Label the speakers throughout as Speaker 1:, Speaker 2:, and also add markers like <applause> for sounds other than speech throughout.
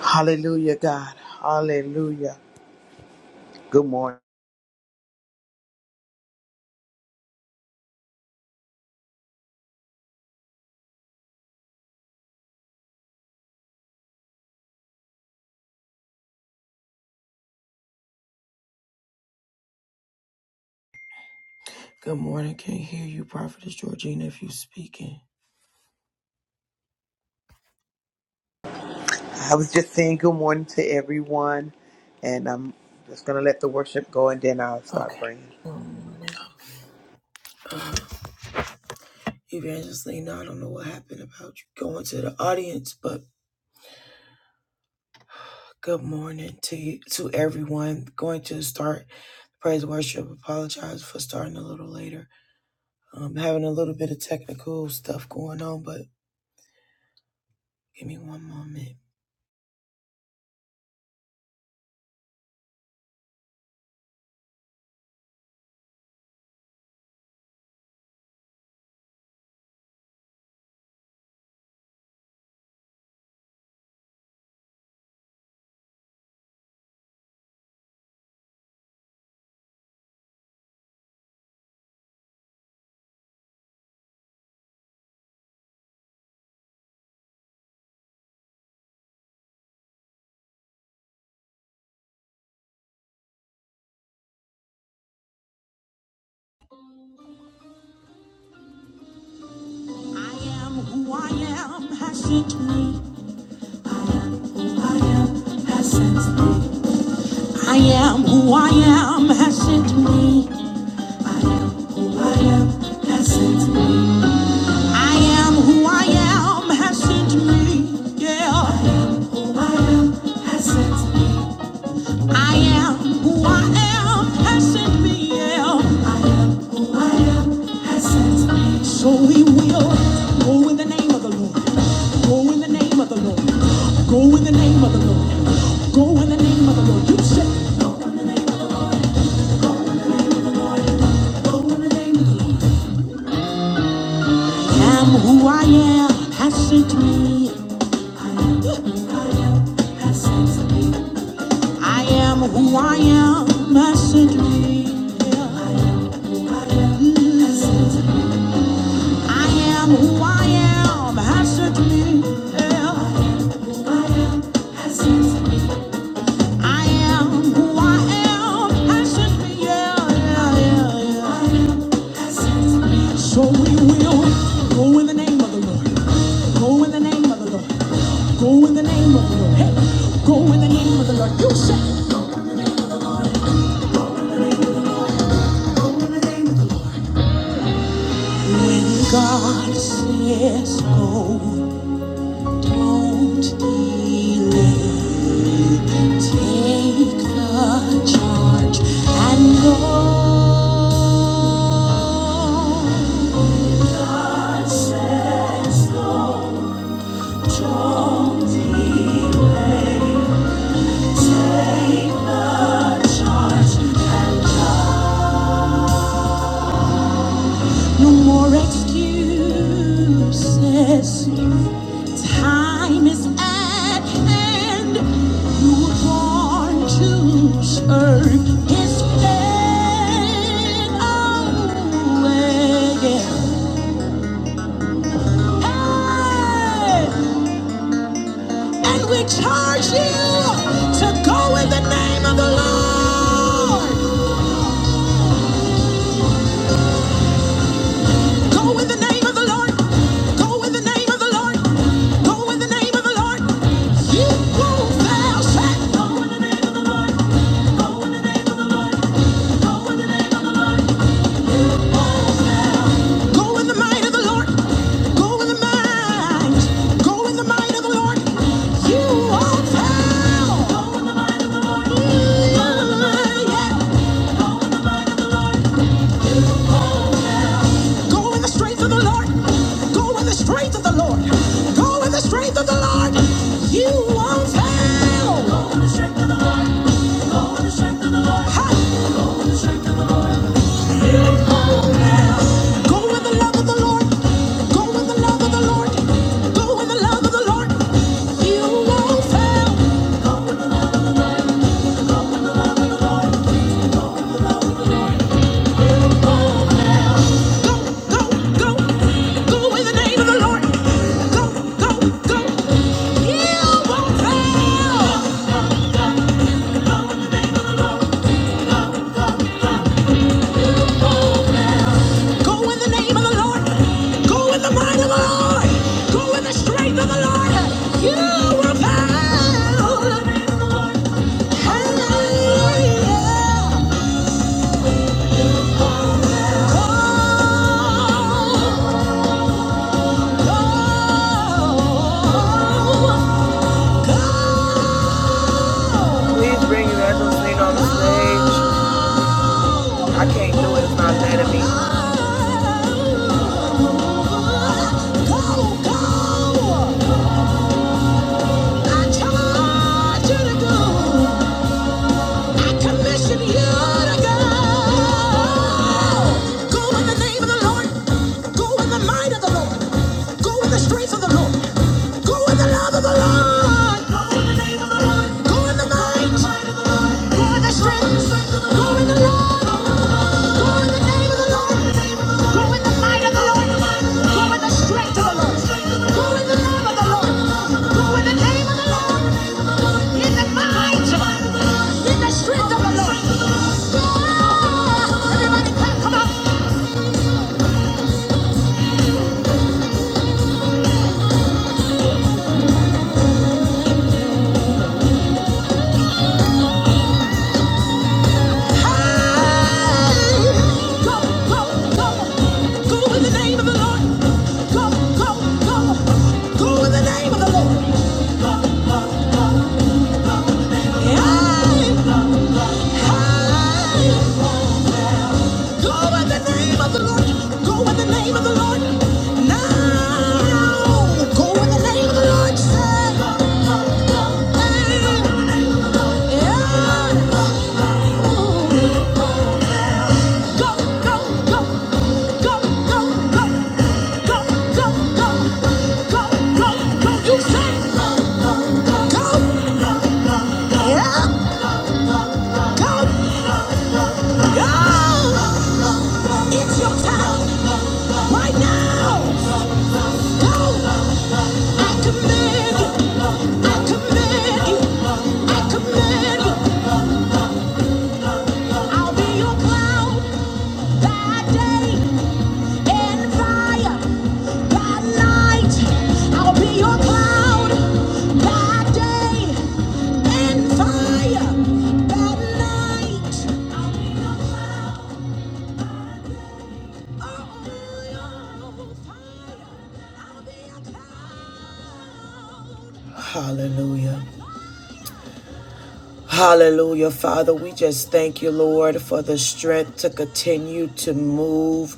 Speaker 1: Hallelujah, God. Hallelujah. Good morning.
Speaker 2: Good morning. Can't hear you, Prophetess Georgina, if you speaking.
Speaker 1: I was just saying good morning to everyone, and I'm just going to let the worship go and then I'll start
Speaker 2: Okay.
Speaker 1: praying.
Speaker 2: Good morning. Um, Evangelist Lena, I don't know what happened about you going to the audience, but good morning to you, to everyone. Going to start praise worship. Apologize for starting a little later. Um, having a little bit of technical stuff going on, but give me one moment. I am who I am has sent me. I am who I am has sent me. I am who I am has sent me. I am who I am has sent me. Yeah. I am who I am has sent me. Yeah. So we will go in the name of the Lord. Go in the name of the Lord. Go in the name of the Lord. Go in the name of the Lord. You say, Go in the name of the Lord. I am who I am has sent me. <laughs> I am who I am, message me. I am who I am, has to me. I am who I am, has to me. Yeah, yeah, yeah, yeah. So we will go in the name of the Lord. Go in the name of the Lord. Go in the name of the Lord. Hey, go in the name of the Lord. You say. When God says go, don't delay. Take the charge and go. God says go, don't delay. Take the charge and go. No more excuses. Time is at hand. You were born to serve His faithfully. Hey! And we charge you to go in the name of the Lord. Go in the name of the Lord. Go in the name of the Lord. Go in the name of the Lord. You won't fail, Go in the might of the Lord. Go in the might. Go in the might of the Lord. You won't fail. Go in the might of Yeah. Go in the strength of the Lord. Go in the strength of the Lord. Go in the strength of the Lord. You won't fail. Go with the love of the Lord. Go with the love of the Lord. Go with the love of the Lord. You won't fail. Go, go, go. Go with the name of the Lord. Go, go, go. You won't fail. Go with the name of the Lord. Go with the mind of the Lord. Go with the strength of the Lord. You will fail. Hallelujah. Get on the stage. I can't do it. It's not letting me. Go, go. I charge you to go. I commission you to go. Go in the name of the Lord. Go in the might of the Lord. Go in the strength of the Lord. Go in the love of the Lord. Go in the name of the Lord. Go in the might. Go in the strength. Go in the Lord. Go in the name of the Lord. Go in the might of the Lord. Go in the strength of the Lord. Go in the love of the Lord. Go in the name of the Lord. In the might in the strength of the Lord. Oh, Everybody clap, come on. Hey! Go, go, go. Go in the name of the Lord. Go, go, go. Go in the name of the Lord. Hey! Hey! Go in the name of the Lord. Go in the name of the Lord. Now, go in the name of the Lord. Hey! Yeah! It's your time right now. Go. I command you. I command you. I command you. I'll be your cloud that day. and fire by night. I'll be your cloud by day and fire by night. Oh, oh, oh, yeah. I'll be your cloud. Hallelujah. Hallelujah, Father. We just thank you, Lord, for the strength to continue to move,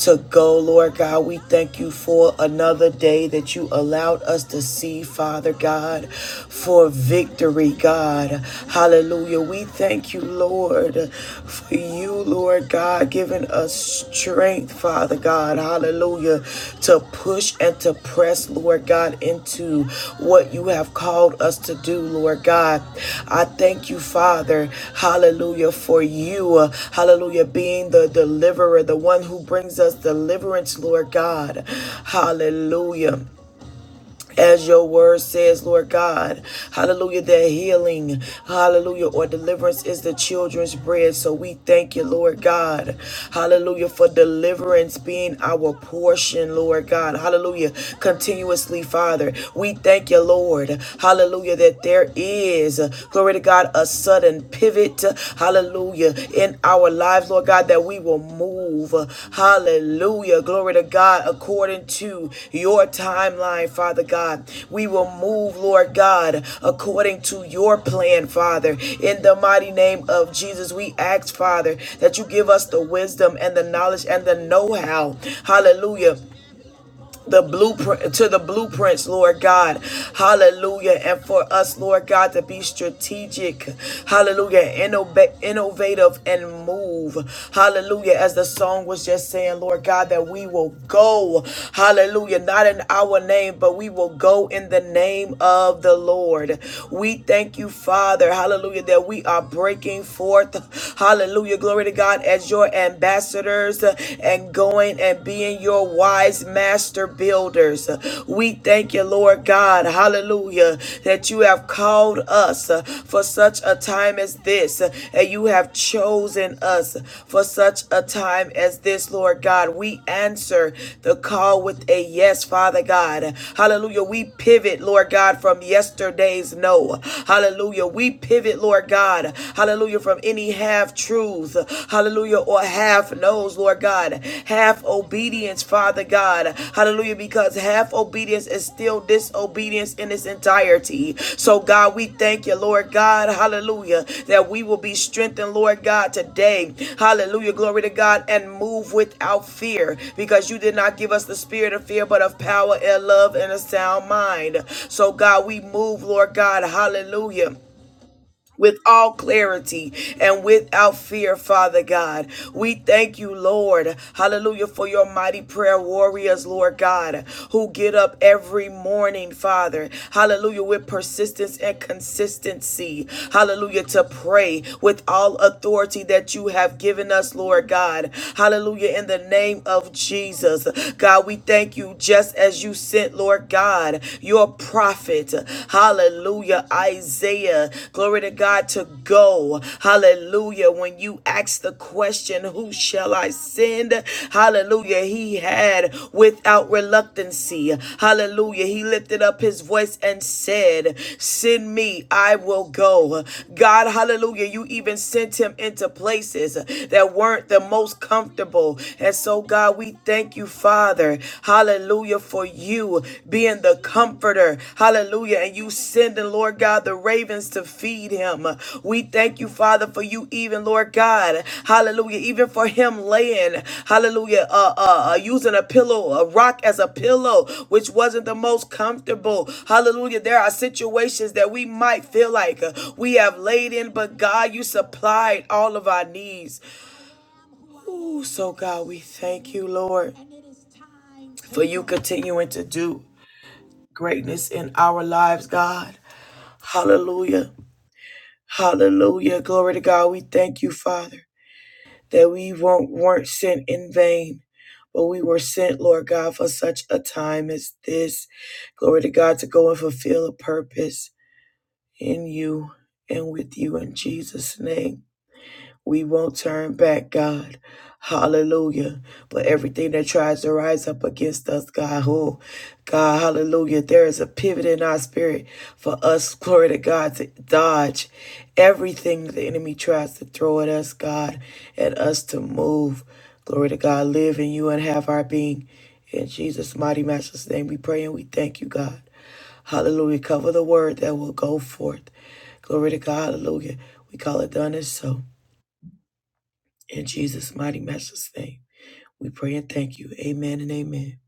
Speaker 2: to go, Lord God. We thank you for another day that you allowed us to see, Father God, for victory, God. Hallelujah. We thank you, Lord, for you, Lord God, giving us strength, Father God. Hallelujah. To push and to press, Lord God, into what you have called us to do, Lord God. I thank you, Father. Hallelujah. For you, uh, hallelujah, being the deliverer, the one who brings us deliverance, Lord God. Hallelujah. As your word says, Lord God, hallelujah, that healing, hallelujah, or deliverance is the children's bread. So we thank you, Lord God, hallelujah, for deliverance being our portion, Lord God, hallelujah, continuously, Father. We thank you, Lord, hallelujah, that there is, glory to God, a sudden pivot, Hallelujah. In our lives, Lord God, that we will move. Hallelujah. Glory to God according to your timeline, Father God. We will move, Lord God, according to your plan, Father. In the mighty name of Jesus, we ask, Father, that you give us the wisdom and the knowledge and the know how. Hallelujah the blueprint to the blueprints, Lord God. Hallelujah. And for us, Lord God, to be strategic. Hallelujah. Innova- innovative and move. Hallelujah. As the song was just saying, Lord God, that we will go. Hallelujah. Not in our name, but we will go in the name of the Lord. We thank you, Father. Hallelujah. That we are breaking forth. Hallelujah. Glory to God as your ambassadors and going and being your wise master builders. We thank you, Lord God, hallelujah, that you have called us uh, for such a time as this, uh, and you have chosen us for such a time as this, Lord God. We answer the call with a yes, Father God. Hallelujah. We pivot, Lord God, from yesterday's no. Hallelujah. We pivot, Lord God. Hallelujah. From any half half truths, hallelujah, or half knows, Lord God, half obedience, Father God, hallelujah, because half obedience is still disobedience in its entirety. So, God, we thank you, Lord God, hallelujah, that we will be strengthened, Lord God, today, hallelujah, glory to God, and move without fear because you did not give us the spirit of fear, but of power and love and a sound mind. So, God, we move, Lord God, hallelujah with all clarity and without fear, Father God. We thank you, Lord. Hallelujah for your mighty prayer warriors, Lord God, who get up every morning, Father. Hallelujah with persistence and consistency. Hallelujah to pray with all authority that you have given us, Lord God. Hallelujah in the name of Jesus. God, we thank you just as you sent, Lord God, your prophet. Hallelujah. Isaiah, glory to God, to go. Hallelujah. When you ask the question, Who shall I send? Hallelujah. He had without reluctancy. Hallelujah. He lifted up his voice and said, Send me, I will go. God, hallelujah. You even sent him into places that weren't the most comfortable. And so, God, we thank you for. Father, hallelujah, for you being the comforter, hallelujah, and you sending, Lord God, the ravens to feed him. We thank you, Father, for you, even, Lord God, hallelujah, even for him laying, hallelujah, uh, uh, uh, using a pillow, a rock as a pillow, which wasn't the most comfortable. Hallelujah, there are situations that we might feel like uh, we have laid in, but God, you supplied all of our needs. Ooh, so God, we thank you, Lord for you continuing to do greatness in our lives, God. Hallelujah. Hallelujah. Glory to God. We thank you, Father, that we won't, weren't sent in vain, but we were sent, Lord God, for such a time as this. Glory to God to go and fulfill a purpose in you and with you in Jesus' name. We won't turn back, God. Hallelujah. But everything that tries to rise up against us, God, oh, God, hallelujah. There is a pivot in our spirit for us, glory to God, to dodge everything the enemy tries to throw at us, God, and us to move. Glory to God, live in you and have our being. In Jesus' mighty master's name, we pray and we thank you, God. Hallelujah. Cover the word that will go forth. Glory to God. Hallelujah. We call it done and so. In Jesus' mighty matchless name, we pray and thank you. Amen and amen.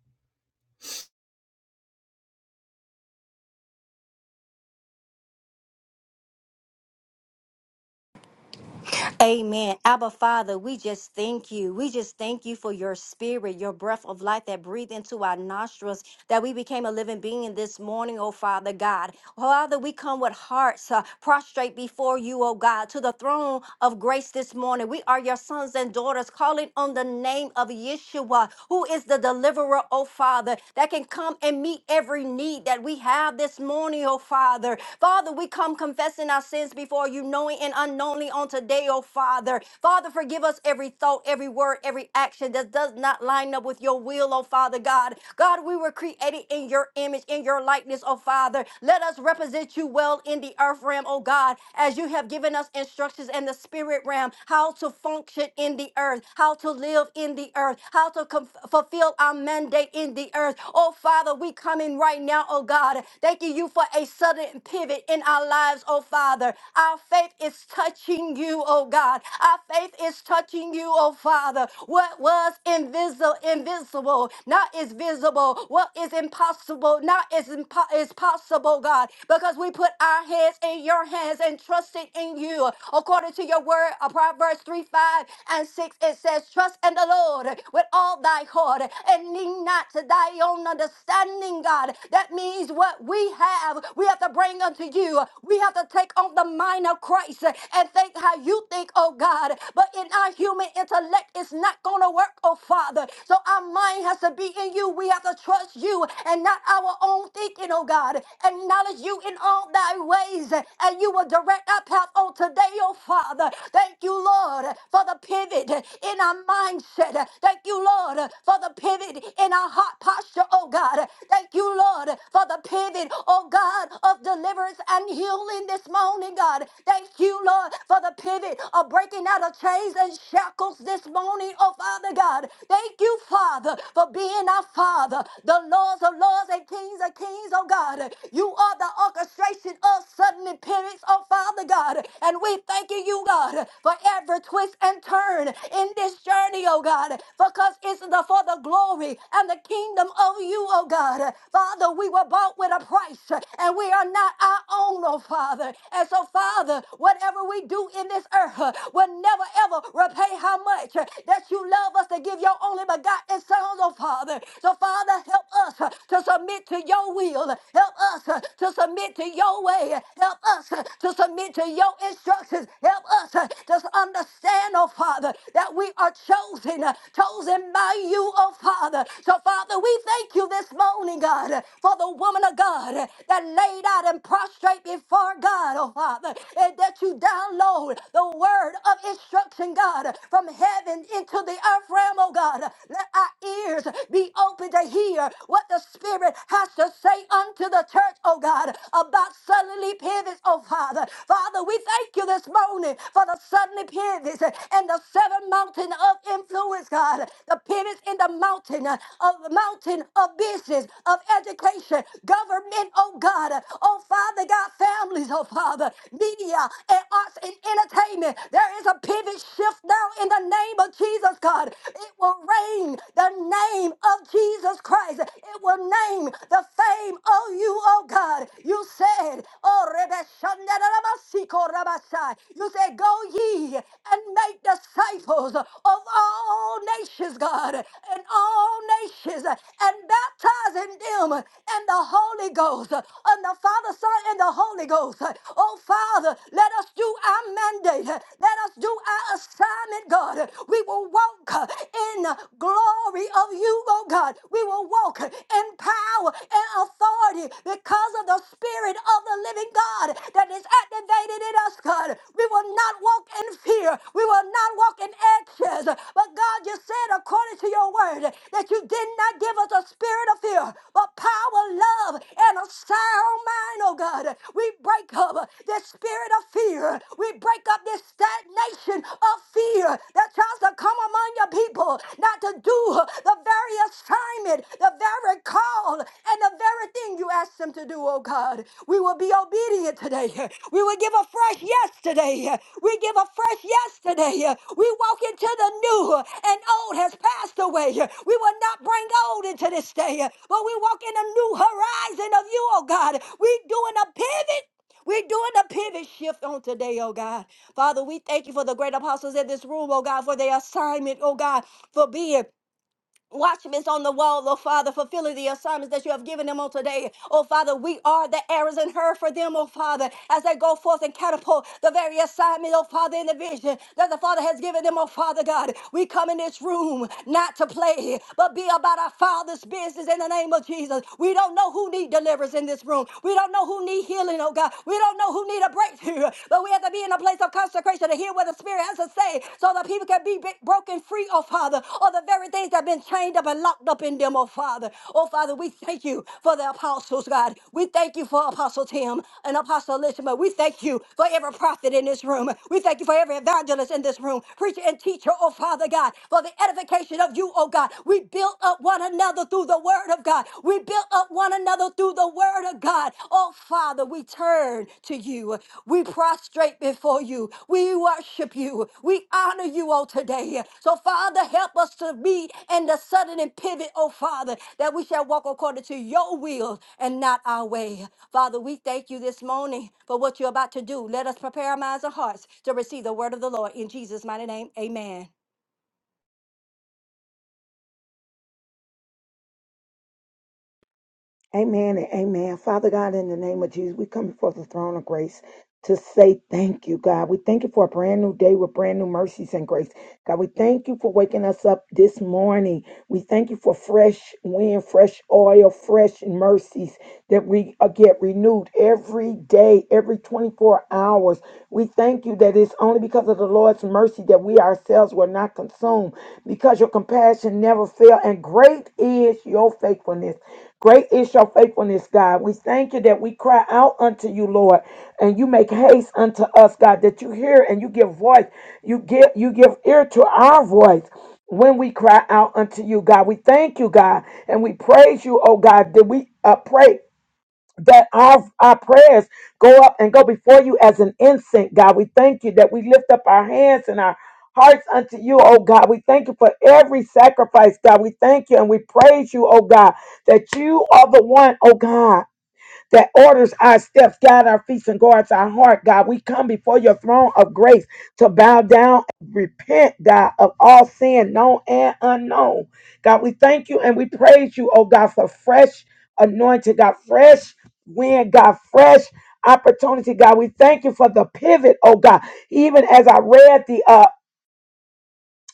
Speaker 3: Amen. Abba Father, we just thank you. We just thank you for your spirit, your breath of life that breathe into our nostrils that we became a living being this morning, oh Father God. Father, we come with hearts uh, prostrate before you, oh God, to the throne of grace this morning. We are your sons and daughters calling on the name of Yeshua, who is the deliverer, oh Father, that can come and meet every need that we have this morning, oh Father. Father, we come confessing our sins before you, knowing and unknowingly on today, oh Father. Father, forgive us every thought, every word, every action that does not line up with your will, oh Father God. God. God, we were created in your image, in your likeness, oh Father. Let us represent you well in the earth realm, oh God, as you have given us instructions in the spirit realm, how to function in the earth, how to live in the earth, how to com- fulfill our mandate in the earth. Oh Father, we come in right now, oh God, thanking you for a sudden pivot in our lives, oh Father. Our faith is touching you, oh God. Our faith is touching you, oh Father. What was invisible, invisible invincible, not is visible. What is impossible, not is, impo- is possible, God, because we put our heads in your hands and trusted in you. According to your word, uh, Proverbs 3 5 and 6, it says, Trust in the Lord with all thy heart and lean not to thy own understanding, God. That means what we have, we have to bring unto you. We have to take on the mind of Christ and think how you think, oh God. But in our human intellect, it's not going to work, oh Father. Father. So our mind has to be in you. We have to trust you and not our own thinking, oh God. Acknowledge you in all thy ways, and you will direct our path on today, oh Father. Thank you, Lord, for the pivot in our mindset. Thank you, Lord, for the pivot in our heart posture, oh God. Thank you, Lord, for the pivot, oh God, of deliverance and healing this morning, God. Thank you, Lord, for the pivot of breaking out of chains and shackles this morning, oh Father God. Thank you, Father, for being our Father, the Lords of Lords and Kings of Kings, oh God. You are the orchestration of sudden appearance, oh Father God. And we thanking you, God, for every twist and turn in this journey, oh God, because it's the for the glory and the kingdom of you, oh God. Father, we were bought with a price, and we are not our own, oh Father. And so, Father, whatever we do in this earth uh, will never ever repay how much uh, that you love us to give your only begotten Son, oh Father. So, Father, help us uh, to submit to your will. Help us uh, to submit to your way. Help us uh, to submit to your instructions. Help us uh, to understand, oh Father, that we are chosen, uh, chosen by you, oh Father. So, Father, we thank you this morning, God, uh, for the woman of God uh, that laid out and prostrate before God, oh Father, and that you download the word of instruction instruction, God, from heaven into the earth realm, oh God. Let our ears be open to hear what the Spirit has to say unto the church, oh God, about suddenly pivots, oh Father. Father, we thank you this morning for the suddenly pivots and the seven mountain of influence, God. The pivots in the mountain uh, of the mountain of business, of education, government, oh God. Oh Father, God, families, oh Father, media and arts and entertainment assignment. There is a pivot shift now in the name of Jesus, God. It will reign the name of Jesus Christ. It will name the fame of you, oh God. You said, oh, Rebe Shandarabasiko Rabasai. you said, go ye and make disciples of all nations, God, and all nations, and baptizing them in the Holy Ghost, and the Father, Son, and the Holy Ghost. Oh, Father, let us do do our mandate. Let us do our assignment, God. We will walk in the glory of you, oh God. We will walk in power and authority because of the Spirit of the living God that is activated in us, God. We will not walk in fear. We will not walk in anxious. But God, you said according to your word that you did not give us a spirit of fear, but power, love, and a sound mind, oh God. We break up this spirit of fear. We break up this stagnation of fear that tries to come among your people, not to do the very assignment, the very call, and the very thing you asked them to do, oh God. We will be obedient today. We will give a fresh yes today. We give a fresh yes today. We walk into the new, and old has passed away. We will not bring old into this day, but we walk in a new horizon of you, oh God. We doing a pivot we're doing a pivot shift on today, oh God. Father, we thank you for the great apostles in this room, oh God, for their assignment, oh God, for being. Watchmen on the wall, oh Father, fulfilling the assignments that you have given them on today. Oh Father, we are the arrows and her for them, oh Father, as they go forth and catapult the very assignment, oh Father, in the vision that the Father has given them, oh Father God. We come in this room not to play, but be about our Father's business in the name of Jesus. We don't know who need deliverance in this room. We don't know who need healing, oh God. We we don't know who need a breakthrough, but we have to be in a place of consecration to hear what the Spirit has to say so that people can be b- broken free, oh Father, of the very things that have been chained up and locked up in them, oh Father. Oh Father, we thank you for the apostles, God. We thank you for Apostle Tim and Apostle Elishma. We thank you for every prophet in this room. We thank you for every evangelist in this room, preacher and teacher, oh Father God, for the for the edification of you, oh God. We built up one another through the word of God. We built up one another through the word of God. Oh Father, we turn to you. We prostrate before you. We worship you. We honor you, oh today. So Father, help us to be in the sudden and pivot, oh Father, that we shall walk according to your will and not our way. Father, we thank you this morning for what you're about to do. Let us prepare our minds and hearts to receive the word of the Lord. In Jesus' mighty name, amen.
Speaker 4: Amen and amen. Father God, in the name of Jesus, we come before the throne of grace to say thank you, God. We thank you for a brand new day with brand new mercies and grace. God, we thank you for waking us up this morning. We thank you for fresh wind, fresh oil, fresh mercies that we uh, get renewed every day, every 24 hours. We thank you that it's only because of the Lord's mercy that we ourselves were not consumed, because your compassion never fail, and great is your faithfulness. Great is your faithfulness, God. We thank you that we cry out unto you, Lord, and you make haste unto us, God, that you hear and you give voice. You give you give ear to our voice when we cry out unto you, God. We thank you, God, and we praise you, oh God. That we uh, pray that our, our prayers go up and go before you as an incense, God. We thank you that we lift up our hands and our hearts unto you, oh God. We thank you for every sacrifice, God. We thank you and we praise you, oh God, that you are the one, oh God that orders our steps, guide our feet, and guards our heart, God. We come before your throne of grace to bow down and repent, God, of all sin, known and unknown. God, we thank you and we praise you, oh God, for fresh anointing, God, fresh wind, God, fresh opportunity, God. We thank you for the pivot, oh God. Even as I read the uh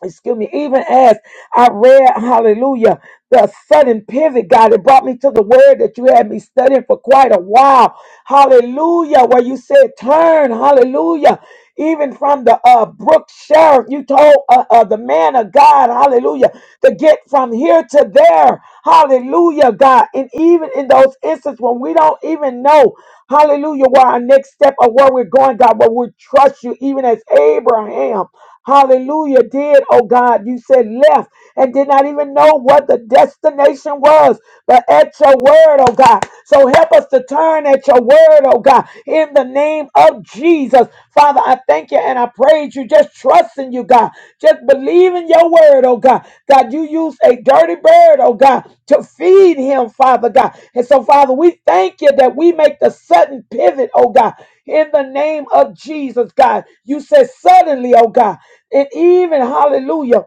Speaker 4: excuse me, even as I read, hallelujah, the sudden pivot, God, it brought me to the word that you had me studying for quite a while. Hallelujah, where you said turn, hallelujah. Even from the uh, brook sheriff, you told uh, uh, the man of God, hallelujah, to get from here to there, hallelujah, God. And even in those instances when we don't even know, hallelujah, where our next step or where we're going, God, but we trust you, even as Abraham hallelujah, did, oh God. You said left and did not even know what the destination was, but at your word, oh God. So help us to turn at your word, oh God, in the name of Jesus. Father, I thank you and I praise you. Just trust in you, God. Just believe in your word, oh God. God, you used a dirty bird, oh God, to feed him, Father God. And so, Father, we thank you that we make the sudden pivot, oh God, in the name of Jesus, God. You said suddenly, oh God. And even, hallelujah,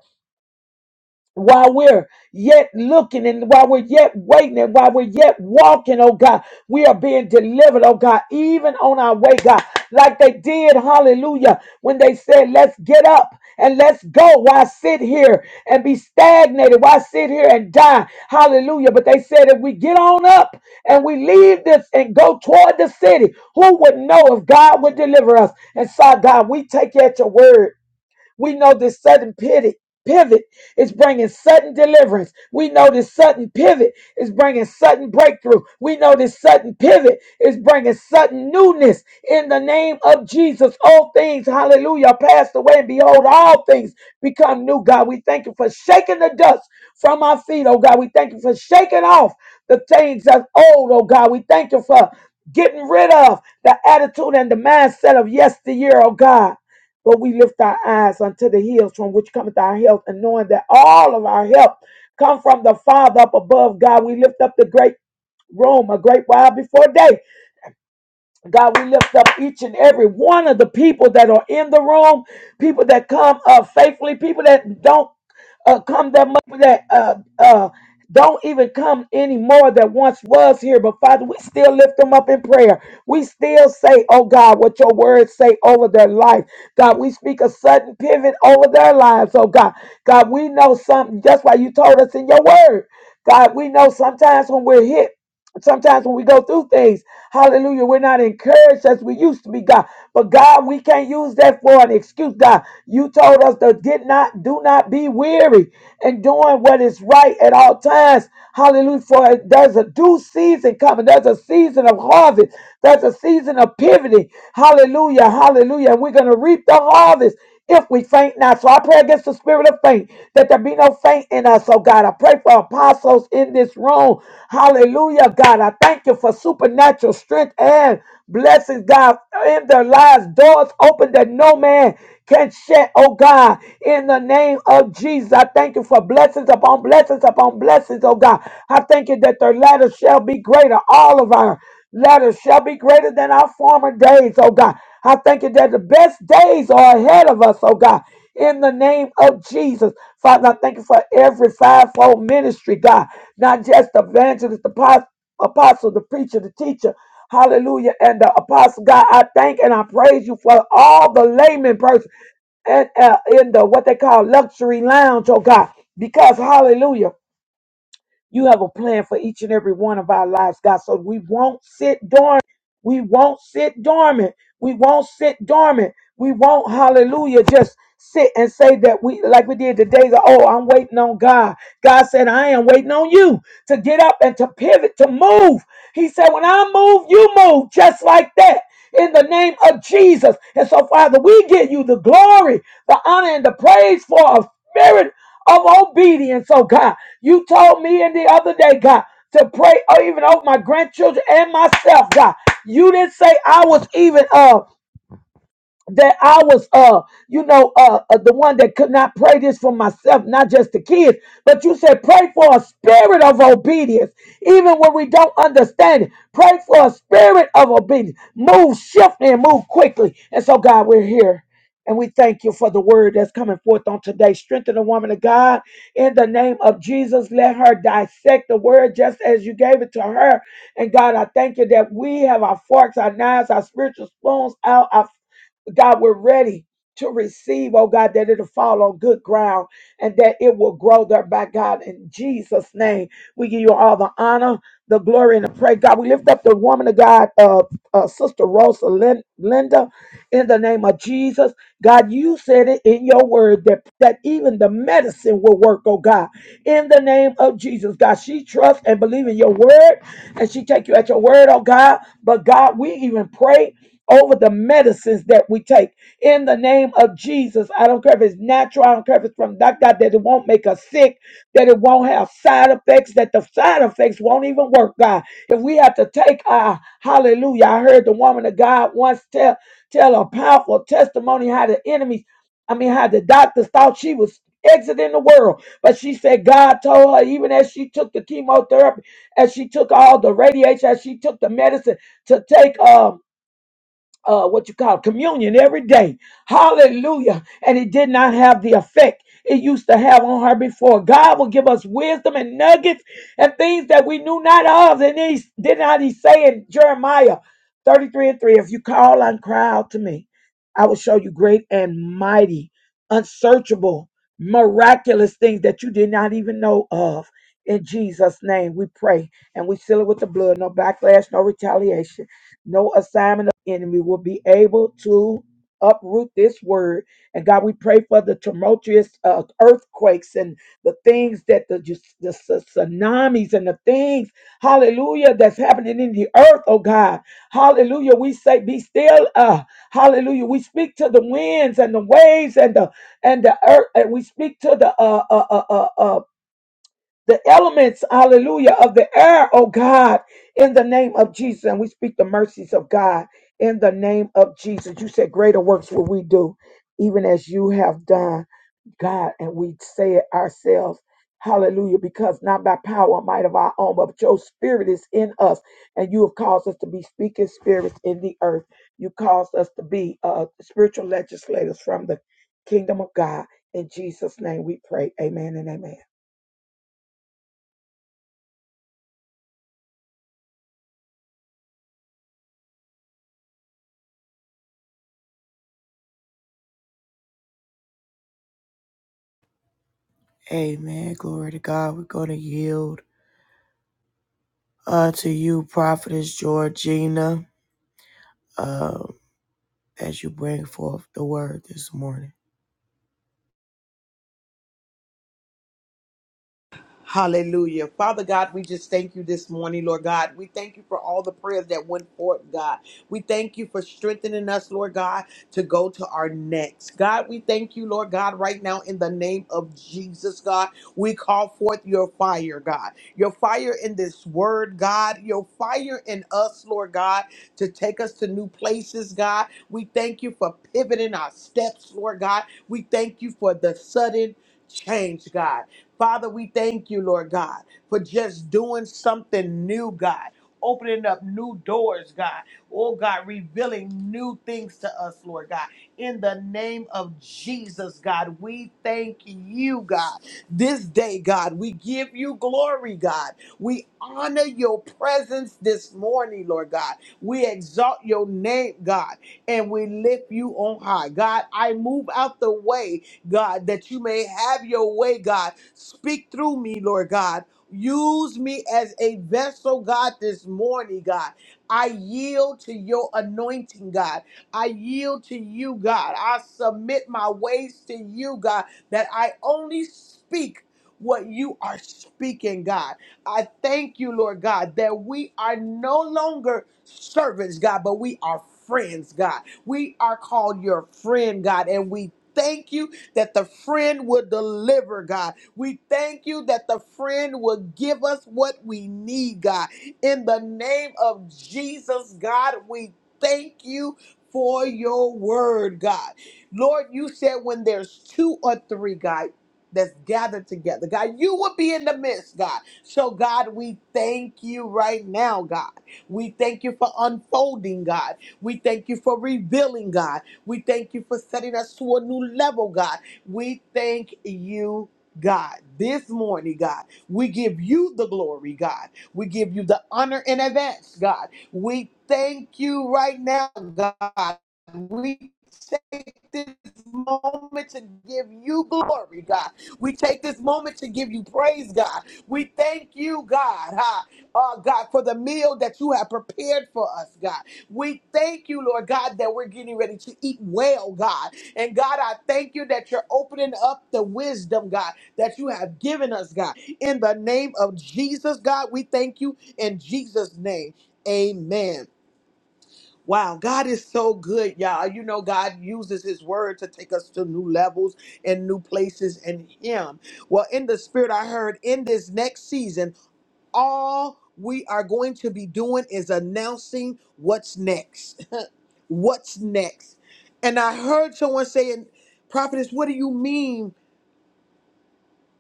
Speaker 4: while we're yet looking and while we're yet waiting and while we're yet walking, oh God, we are being delivered, oh God, even on our way, God, like they did, hallelujah, when they said, let's get up and let's go. Why sit here and be stagnated? Why sit here and die? Hallelujah. But they said, if we get on up and we leave this and go toward the city, who would know if God would deliver us? And so, God, we take you at your word. We know this sudden pivot. Pivot is bringing sudden deliverance. We know this sudden pivot is bringing sudden breakthrough. We know this sudden pivot is bringing sudden newness in the name of Jesus. All things, hallelujah, are passed away, and behold, all things become new. God, we thank you for shaking the dust from our feet, oh God. We thank you for shaking off the things that's old, oh God. We thank you for getting rid of the attitude and the mindset of yesteryear, oh God. But we lift our eyes unto the hills from which cometh our help, and knowing that all of our help come from the Father up above God. We lift up the great room, a great while before day. God, we lift up each and every one of the people that are in the room, people that come uh, faithfully, people that don't uh, come that much, that uh, uh, don't even come anymore that once was here. But Father, we still lift them up in prayer. We still say, oh God, what your words say over their life. God, we speak a sudden pivot over their lives, oh God. God, we know something. That's why you told us in your word. God, we know sometimes when we're hit Sometimes when we go through things, hallelujah, we're not encouraged as we used to be, God. But God, we can't use that for an excuse, God. You told us to did not, do not be weary in doing what is right at all times. Hallelujah. For there's a due season coming. There's a season of harvest. There's a season of pivoting. Hallelujah. Hallelujah. And we're going to reap the harvest if we faint not. So I pray against the spirit of faint, that there be no faint in us, oh God. I pray for apostles in this room. Hallelujah, God. I thank you for supernatural strength and blessings, God, in their lives. Doors open that no man can shut, oh God. In the name of Jesus, I thank you for blessings upon blessings upon blessings, oh God. I thank you that their latter shall be greater, all of our latter shall be greater than our former days, oh God. I thank you that the best days are ahead of us, oh God. In the name of Jesus, Father, I thank you for every fivefold ministry, God, not just the evangelist, the pos- apostle, the preacher, the teacher, hallelujah, and the apostle, God. I thank and I praise you for all the layman person and uh, in the what they call luxury lounge, oh God, because hallelujah. You have a plan for each and every one of our lives, God. So we won't sit dormant. We won't sit dormant. We won't sit dormant. We won't, hallelujah, just sit and say that we, like we did today, that, oh, I'm waiting on God. God said, I am waiting on you to get up and to pivot, to move. He said, when I move, you move just like that in the name of Jesus. And so, Father, we give you the glory, the honor, and the praise for a spirit of obedience, oh God. You told me in the other day, God, to pray or even over my grandchildren and myself, God. You didn't say I was even of that I was uh you know uh, uh the one that could not pray this for myself not just the kids but you said pray for a spirit of obedience even when we don't understand it pray for a spirit of obedience move shift and move quickly and so God we're here and we thank you for the word that's coming forth on today. Strengthen the woman of God in the name of Jesus. Let her dissect the word just as you gave it to her. And God, I thank you that we have our forks, our knives, our spiritual spoons out, our God, we're ready to receive, oh God, that it'll fall on good ground and that it will grow there by God. In Jesus' name, we give you all the honor, the glory, and the praise. God, we lift up the woman of God, uh, uh, Sister Rosa Lin- Linda, in the name of Jesus. God, you said it in your word that, that even the medicine will work, oh God. In the name of Jesus, God, she trusts and believes in your word and she take you at your word, oh God. But God, we even pray over the medicines that we take. In the name of Jesus, I don't care if it's natural, I don't care if it's from that God, that it won't make us sick, that it won't have side effects, that the side effects won't even work, God. If we have to take our hallelujah, I heard the woman of God once tell tell a powerful testimony how the enemies, I mean how the doctors thought she was exiting the world. But she said God told her, even as she took the chemotherapy, as she took all the radiation, as she took the medicine to take um uh, what you call communion every day. Hallelujah. And it did not have the effect it used to have on her before. God will give us wisdom and nuggets and things that we knew not of. And he did not he say in Jeremiah 33 and 3, if you call and cry out to me, I will show you great and mighty, unsearchable, miraculous things that you did not even know of. In Jesus' name we pray and we seal it with the blood. No backlash, no retaliation no assignment of the enemy will be able to uproot this word. And God, we pray for the tumultuous uh, earthquakes and the things that the, ju- the s- tsunamis and the things, hallelujah, that's happening in the earth, oh God. Hallelujah. We say, be still. Uh, hallelujah. We speak to the winds and the waves and the and the earth, and we speak to the uh, uh, uh, uh, uh, the elements, hallelujah, of the air, oh God, in the name of Jesus. And we speak the mercies of God in the name of Jesus. You said, Greater works will we do, even as you have done, God. And we say it ourselves. Hallelujah, because not by power or might of our own, but your spirit is in us, and you have caused us to be speaking spirits in the earth. You caused us to be uh, spiritual legislators from the kingdom of God. In Jesus' name we pray. Amen and amen.
Speaker 2: Amen. Glory to God. We're going to yield uh, to you, Prophetess Georgina, uh, as you bring forth the word this morning.
Speaker 1: Hallelujah. Father God, we just thank you this morning, Lord God. We thank you for all the prayers that went forth, God. We thank you for strengthening us, Lord God, to go to our next. God, we thank you, Lord God, right now in the name of Jesus, God. We call forth your fire, God. Your fire in this word, God. Your fire in us, Lord God, to take us to new places, God. We thank you for pivoting our steps, Lord God. We thank you for the sudden change, God. Father, we thank you, Lord God, for just doing something new, God, opening up new doors, God. Oh, God, revealing new things to us, Lord God. In the name of Jesus, God, we thank you, God. This day, God, we give you glory, God. We honor your presence this morning, Lord God. We exalt your name, God, and we lift you on high. God, I move out the way God, that you may have your way, God. Speak through me, Lord God. Use me as a vessel, God, this morning, God. I yield to your anointing, God. I yield to you, God. I submit my ways to you, God, that I only speak what you are speaking, God. I thank you, Lord God, that we are no longer servants, God, but we are friends, God. We are called your friend, God, and we thank you that the friend will deliver, God. We thank you that the friend will give us what we need, God. In the name of Jesus, God, we thank you for your word, God. Lord, you said when there's two or three, God, that's gathered together, God, you will be in the midst, God. So, God, we thank you right now, God. We thank you for unfolding, God. We thank you for revealing, God. We thank you for setting us to a new level, God. We thank you, God, this morning, God. We give you the glory, God. We give you the honor in advance, God. We thank you right now, God. We take this moment to give you glory, God. We take this moment to give you praise, God. We thank you, God, huh? uh, God, for the meal that you have prepared for us, God. We thank you, Lord God, that we're getting ready to eat well, God. And God, I thank you that you're opening up the wisdom, God, that you have given us, God. In the name of Jesus, God, we thank you in Jesus' name. Amen. Wow, God is so good, y'all. You know, God uses His word to take us to new levels and new places in Him. Well, in the spirit, I heard in this next season, all we are going to be doing is announcing what's next What's next? And I heard someone saying, Prophetess, what do you mean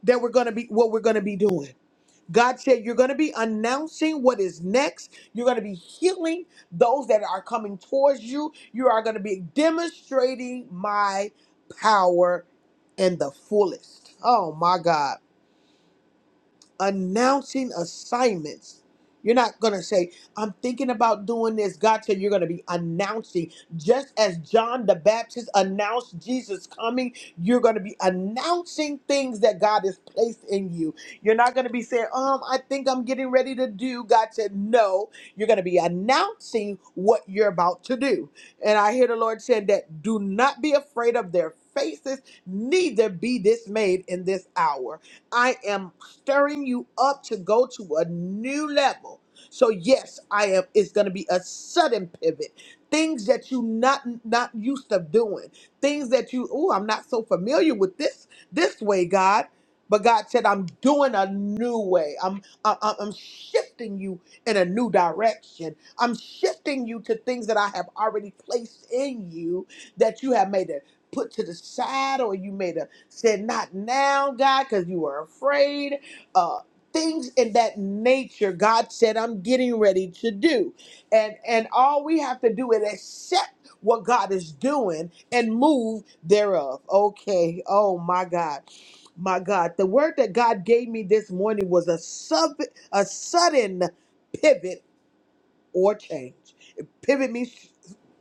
Speaker 1: that we're gonna be what we're gonna be doing? God said, You're gonna be announcing what is next. You're gonna be healing those that are coming towards you. You are gonna be demonstrating my power in the fullest. Oh my God. announcing assignments. You're not going to say, I'm thinking about doing this. God said you're going to be announcing. Just as John the Baptist announced Jesus coming, you're going to be announcing things that God has placed in you. You're not going to be saying, um, I think I'm getting ready to do. God said, no. You're going to be announcing what you're about to do. And I hear the Lord saying that do not be afraid of their faces, neither be dismayed in this hour. I am stirring you up to go to a new level. So yes, I am it's going to be a sudden pivot. Things that you not not used to doing. Things that you oh, I'm not so familiar with this this way, God. But God said I'm doing a new way. I'm I- I- I'm shifting you in a new direction. I'm shifting you to things that I have already placed in you that you have made a put to the side or you made a Said, Not now, God, because you were afraid. Uh, things in that nature God said, I'm getting ready to do. And and all we have to do is accept what God is doing and move thereof. Okay. Oh my God. My God. The word that God gave me this morning was a sub a sudden pivot or change. Pivot me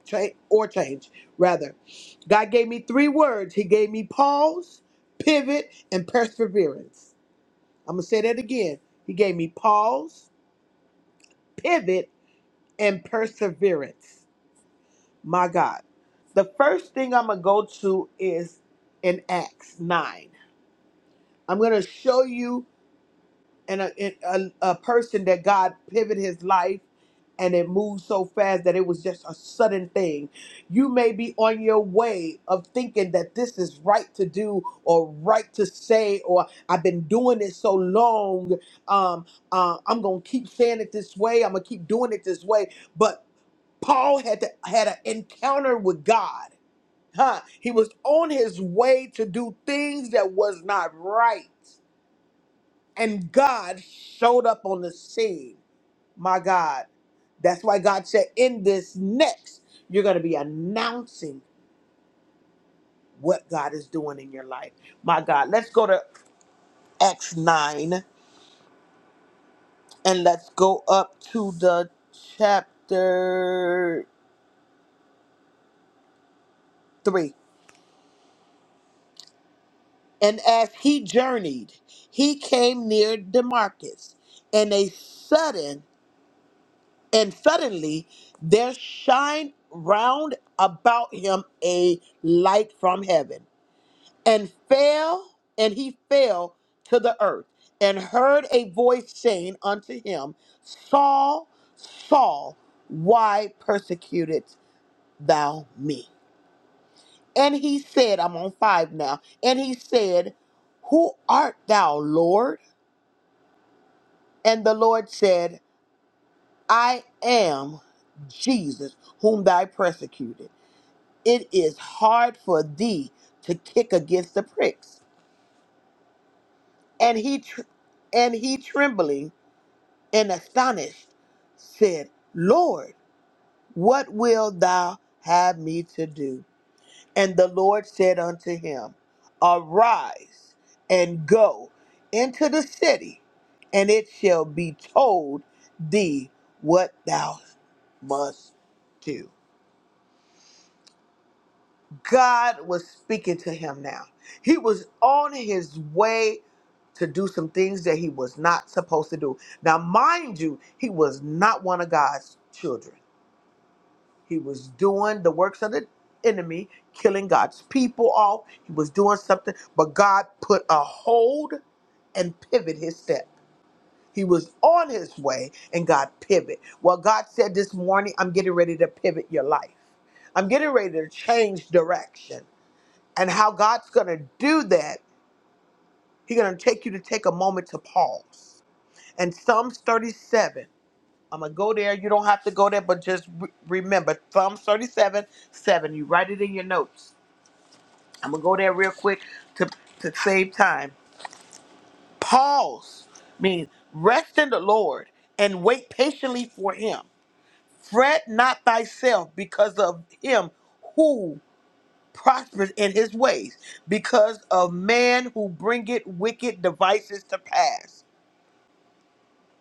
Speaker 1: change or change rather. God gave me three words. He gave me pause, pivot, and perseverance. I'm gonna say that again. He gave me pause, pivot, and perseverance. My God. The first thing I'm gonna go to is in Acts 9. I'm gonna show you and a, and a, a person that God pivoted his life and it moved so fast that it was just a sudden thing. You may be on your way of thinking that this is right to do or right to say, or I've been doing it so long. Um, uh, I'm gonna keep saying it this way. I'm gonna keep doing it this way. But Paul had to, had an encounter with God. Huh? He was on his way to do things that was not right and God showed up on the scene. My God. That's why God said, in this next, you're going to be announcing what God is doing in your life. My God. Let's go to Acts 9 and let's go up to the chapter 3. And as he journeyed, he came near Damascus, and a sudden and suddenly there shined round about him a light from heaven and fell and he fell to the earth and heard a voice saying unto him saul saul why persecutest thou me and he said i'm on five now and he said who art thou lord and the lord said i am jesus whom thou persecuted it is hard for thee to kick against the pricks. And he tr- and he trembling and astonished said, Lord, what wilt thou have me to do? And the Lord said unto him, Arise and go into the city, and it shall be told thee what thou must do. God was speaking to him now. He was on his way to do some things that he was not supposed to do. Now, mind you, he was not one of God's children. He was doing the works of the enemy, killing God's people off. He was doing something, but God put a hold and pivot his step. He was on his way and God pivot. Well, God said this morning, I'm getting ready to pivot your life. I'm getting ready to change direction. And how God's going to do that, He's going to take you to take a moment to pause. And Psalms 37, I'm going to go there. You don't have to go there, but just re- remember Psalms 37, 7. You write it in your notes. I'm going to go there real quick to, to save time. Pause means rest in the Lord and wait patiently for Him. Fret not thyself because of Him prospered in his ways because of man who bringeth wicked devices to pass.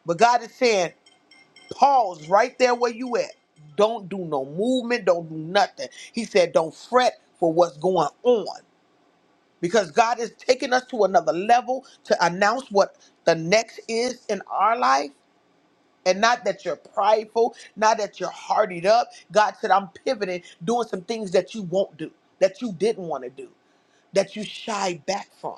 Speaker 1: But God is saying, pause right there where you at. Don't do no movement. Don't do nothing. He said, don't fret for what's going on because God is taking us to another level to announce what the next is in our life. And not that you're prideful, not that you're hardied up. God said, I'm pivoting, doing some things that you won't do, that you didn't want to do, that you shy back from.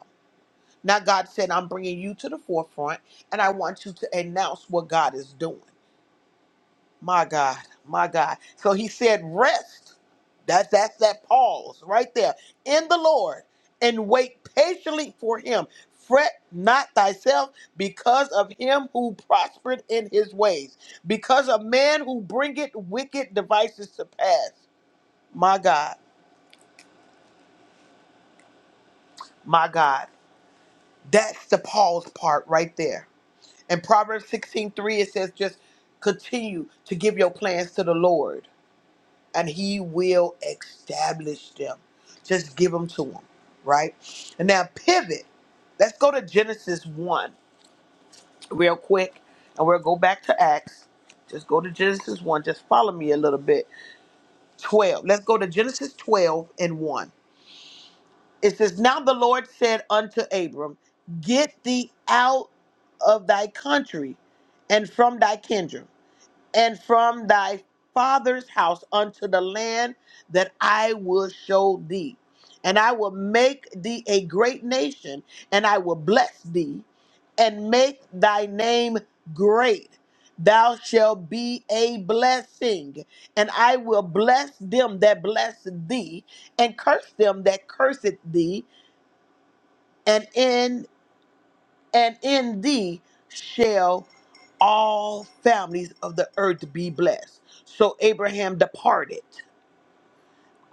Speaker 1: Now God said, I'm bringing you to the forefront and I want you to announce what God is doing. My God, my God. So he said, rest. That's that's that pause right there in the Lord and wait patiently for him. Fret not thyself because of him who prospered in his ways, because of man who bringeth wicked devices to pass. My God, my God. That's the pause part right there In Proverbs 16 3, it says, just continue to give your plans to the Lord, and He will establish them. Just give them to Him, right? And now pivot. Let's go to Genesis 1 real quick, and we'll go back to Acts. Just go to Genesis 1. Just follow me a little bit. 12. Let's go to Genesis 12 and 1. It says, Now the Lord said unto Abram, Get thee out of thy country and from thy kindred and from thy father's house unto the land that I will show thee. And I will make thee a great nation, and I will bless thee, and make thy name great. Thou shalt be a blessing, and I will bless them that bless thee, and curse them that curseth thee. and in and in thee shall all families of the earth be blessed. So Abraham departed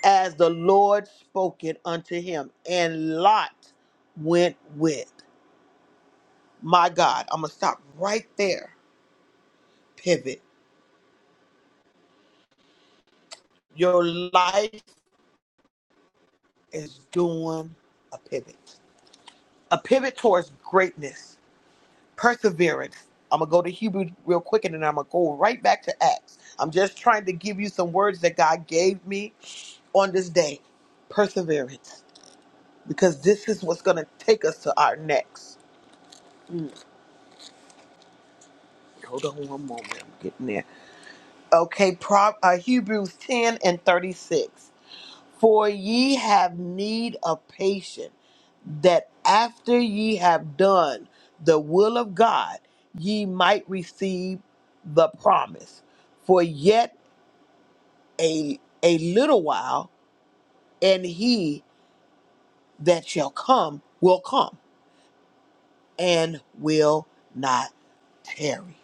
Speaker 1: as the Lord spoke it unto him, and Lot went with. My God, I'm going to stop right there. Pivot. Your life is doing a pivot, a pivot towards greatness perseverance. I'm gonna go to Hebrew real quick, and then I'm gonna go right back to Acts. I'm just trying to give you some words that God gave me on this day. Perseverance, because this is what's gonna take us to our next. Mm, hold on one moment, I'm getting there. Okay, Pro, uh, Hebrews 10 and 36. For ye have need of patience that after ye have done the will of God, ye might receive the promise. For yet a a little while, and he that shall come will come and will not tarry.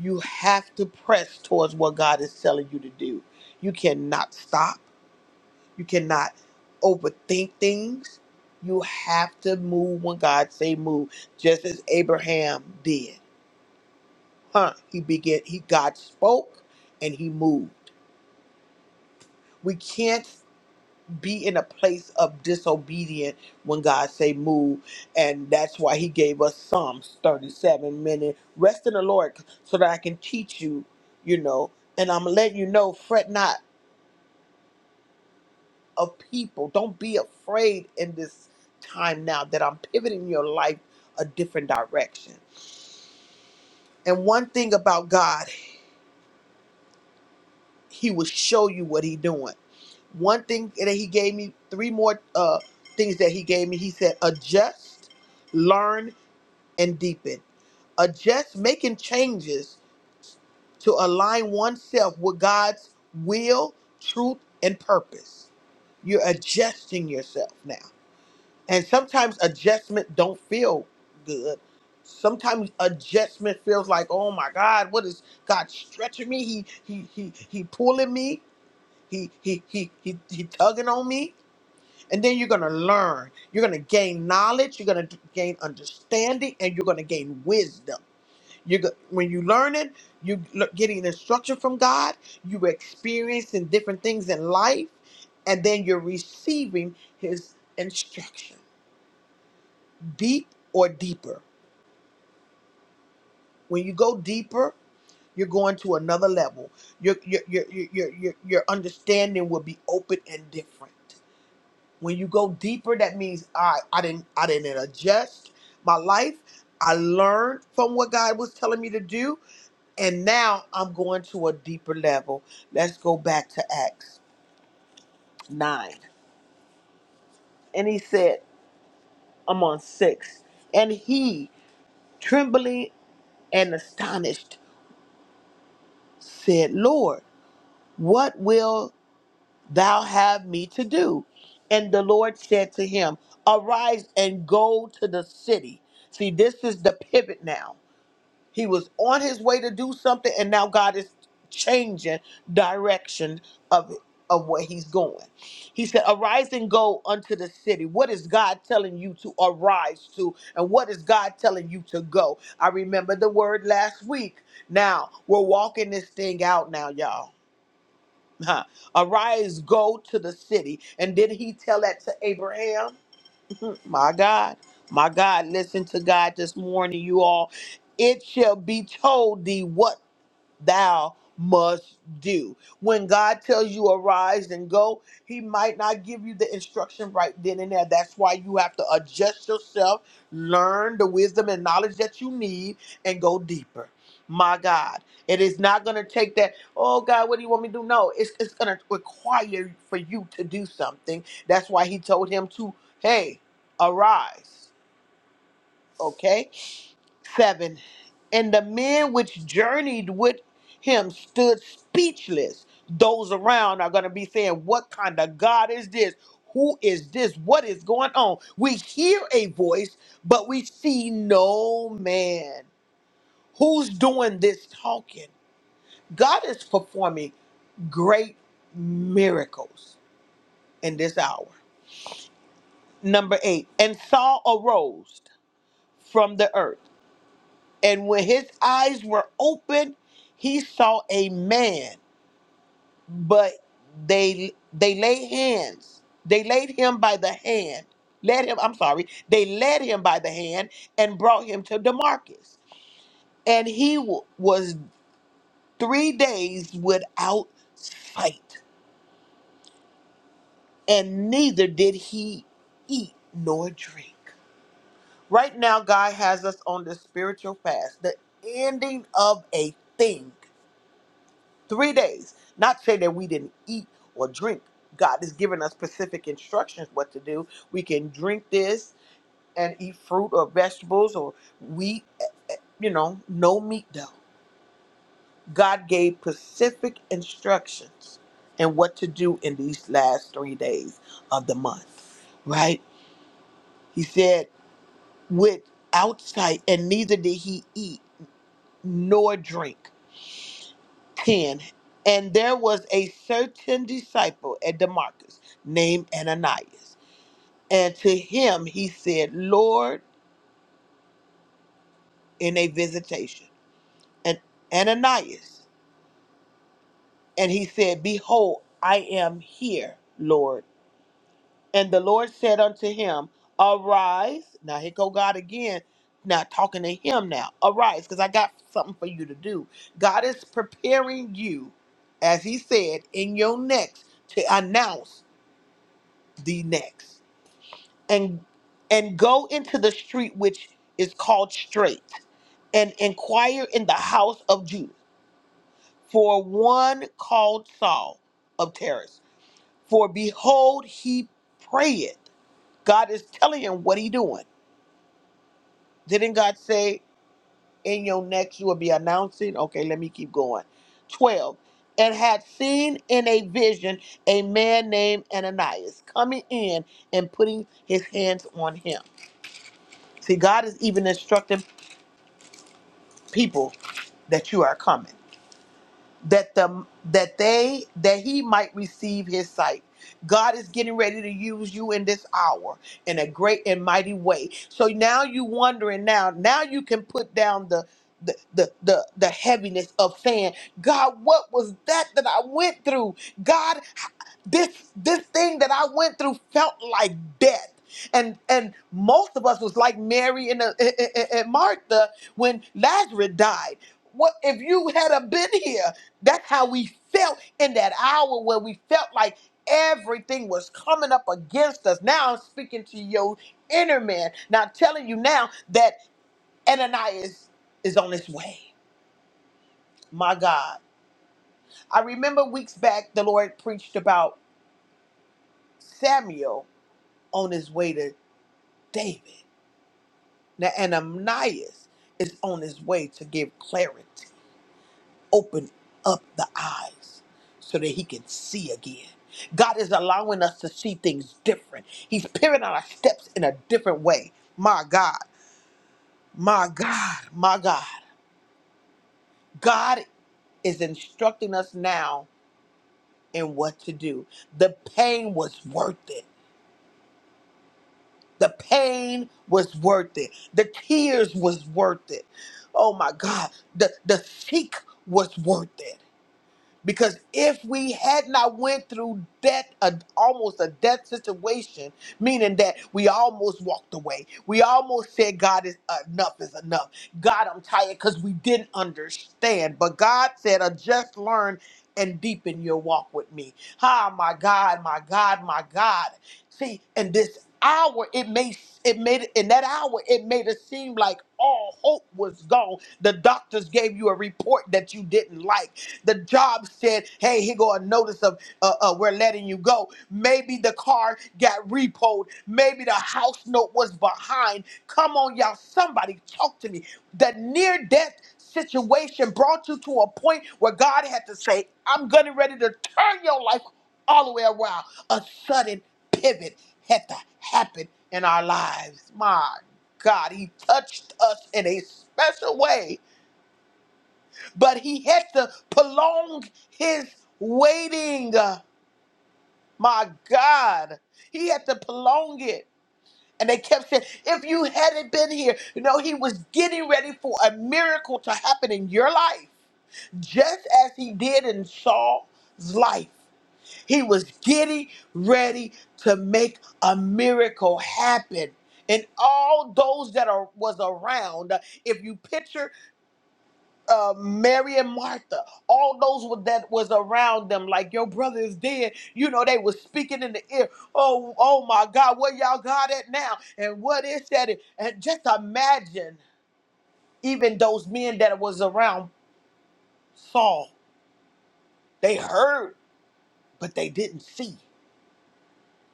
Speaker 1: You have to press towards what God is telling you to do. You cannot stop. You cannot overthink things. You have to move when God say move, just as Abraham did Huh? He began. He God spoke, and He moved. We can't be in a place of disobedient when God say move, and that's why He gave us Psalms thirty-seven minute rest in the Lord, so that I can teach you. You know, and I'm letting you know, fret not of people. Don't be afraid in this time now that I'm pivoting your life a different direction. And one thing about God, He will show you what He doing one thing that he gave me three more uh things that he gave me he said adjust learn and deepen adjust making changes to align oneself with god's will truth and purpose you're adjusting yourself now and sometimes adjustment don't feel good sometimes adjustment feels like oh my god what is god stretching me he he he, he pulling me he he he he, he tugging on me And then you're going to learn. You're going to gain knowledge. You're going to gain understanding, and you're going to gain wisdom. You go- when you learn it, you l- getting instruction from God. You experiencing different things in life, and then you're receiving His instruction, deep or deeper. When you go deeper, you're going to another level. Your your your your your your your understanding will be open and different. when you go deeper that means i i didn't i didn't adjust my life i learned from what god was telling me to do and now i'm going to a deeper level let's go back to acts 9 and he said i'm on 6 and he trembling and astonished said lord what will thou have me to do and the lord said to him arise and go to the city see this is the pivot now He was on his way to do something, and now God is changing direction of it, of where he's going. He said, "Arise and go unto the city." What is God telling you to arise to, and what is God telling you to go? I remember the word last week. Now we're walking this thing out now, y'all. <laughs> Huh. Arise, go to the city, and did he tell that to Abraham? Mhm. My God, my God, listen to God this morning, you all. It shall be told thee what thou must do. When God tells you arise and go, he might not give you the instruction right then and there. That's why you have to adjust yourself, learn the wisdom and knowledge that you need, and go deeper. My God, it is not going to take that. Oh God, what do you want me to do? No, it's it's going to require for you to do something. That's why He told him to, hey, arise. Okay, 7 And the men which journeyed with him stood speechless. Those around are going to be saying, What kind of God is this? Who is this? What is going on? We hear a voice, but we see no man. Who's doing this talking? God is performing great miracles in this hour. Number eight, and Saul arose from the earth. And when his eyes were open, he saw a man, but they they laid hands. They laid him by the hand. Led him, I'm sorry. They led him by the hand and brought him to Damarcus. And he w- was 3 days without sight, and neither did he eat nor drink. Right now God has us on this spiritual fast, the ending of a thing Three days. Not say that we didn't eat or drink. God has given us specific instructions what to do. We can drink this and eat fruit or vegetables or wheat, eh, you know, no meat though. God gave specific instructions and what to do in these last three days of the month, right? He said, with outside, and neither did he eat nor drink. 10 and there was a certain disciple at damascus named ananias and to him he said lord in a visitation and ananias and he said behold i am here lord and the lord said unto him arise now here go god again now talking to him now arise because i got something for you to do god is preparing you as he said in your next to announce the next and and go into the street which is called straight and inquire in the house of judah for one called saul of Tarsus. for behold he prayeth god is telling him what he doing didn't god say in your next you will be announcing okay let me keep going 12 and had seen in a vision a man named ananias coming in and putting his hands on him see god is even instructing people that you are coming that the that they that he might receive his sight god is getting ready to use you in this hour in a great and mighty way so now you wondering now now you can put down the the, the the the heaviness of saying god what was that that i went through god this this thing that I went through felt like death. And and most of us was like Mary and, uh, and and- and Martha when Lazarus died. What if you had a been here? That's how we felt in that hour where we felt like everything was coming up against us. Now I'm speaking to your inner man. Now I'm telling you now that Ananias is on his way. My God. I remember weeks back the Lord preached about Samuel on his way to David. Now, Ananias is on his way to give clarity, open up the eyes so that he can see again. God is allowing us to see things different. He's pivoting our steps in a different way. My God, my God, my God. God is instructing us now in what to do. The pain was worth it. The pain was worth it. The tears was worth it. Oh my God. The the seek was worth it because if we had not went through death a, almost a death situation meaning that we almost walked away we almost said god is enough is enough god i'm tired because we didn't understand but god said "I just learn and deepen your walk with me ah my god my god my god see in this hour it may it made in that hour it made it seem like all hope was gone the doctors gave you a report that you didn't like the job said, hey, here go a notice of uh, uh, we're letting you go. Maybe the car got repoed. Maybe the house note was behind. Come on, y'all. Somebody talk to me. The near death situation brought you to a point where God had to say, I'm getting ready to turn your life all the way around. A sudden pivot had to happen in our lives. My God, He touched us in a special way but he had to prolong his waiting. Uh, My God, he had to prolong it. And they kept saying, if you hadn't been here, you know, he was getting ready for a miracle to happen in your life, just as he did in Saul's life. He was getting ready to make a miracle happen. And all those that are was around, uh, if you picture uh, Mary and Martha, all those wa- that was around them, like your brother is dead. You know, they were speaking in the ear. Oh, oh my God, where y'all got it now? And what is that? And just imagine, even those men that was around Saul, they heard, but they didn't see.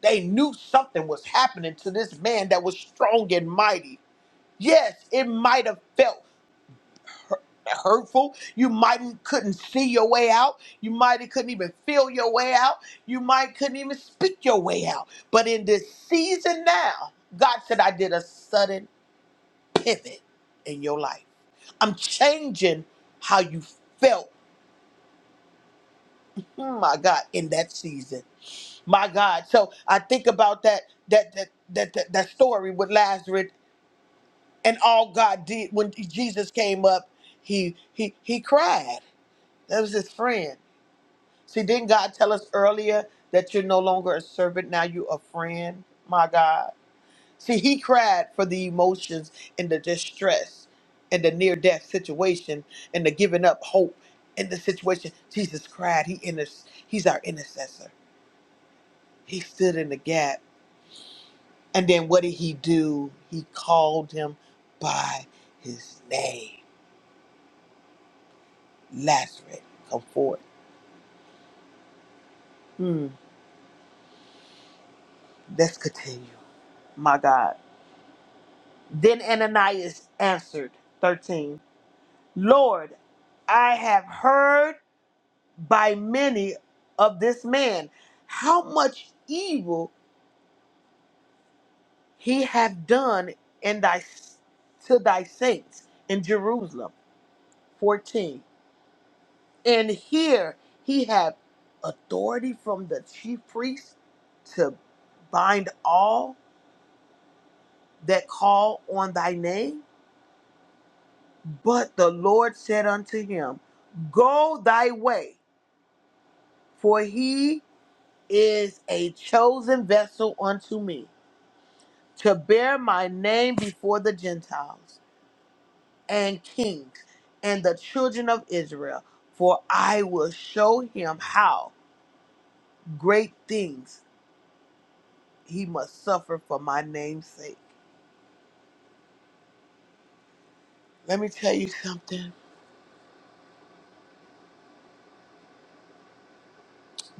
Speaker 1: They knew something was happening to this man that was strong and mighty. Yes, it might have felt. hurtful. You might couldn't see your way out. You might couldn't even feel your way out. You might couldn't even speak your way out. But in this season now, God said, I did a sudden pivot in your life. I'm changing how you felt. Hmm, My God, in that season, my God. So I think about that that that that that, that story with Lazarus and all God did when Jesus came up, he he he cried. That was his friend See, didn't God tell us earlier that you're no longer a servant, now you're a friend? My God. See, he cried for the emotions and the distress and the near death situation and the giving up hope in the situation. Jesus cried. He inter- he's our intercessor. He stood in the gap. And then what did he do? He called him by his name. Lazarus, come forth. Hmm. Let's continue. My God. Then Ananias answered, 13, Lord, I have heard by many of this man how much evil he hath done in thy to thy saints in Jerusalem. 14. And here he hath authority from the chief priest to bind all that call on thy name. But the Lord said unto him, Go thy way For he is a chosen vessel unto me to bear my name before the Gentiles and kings and the children of Israel. For I will show him how great things he must suffer for my name's sake. Let me tell you something.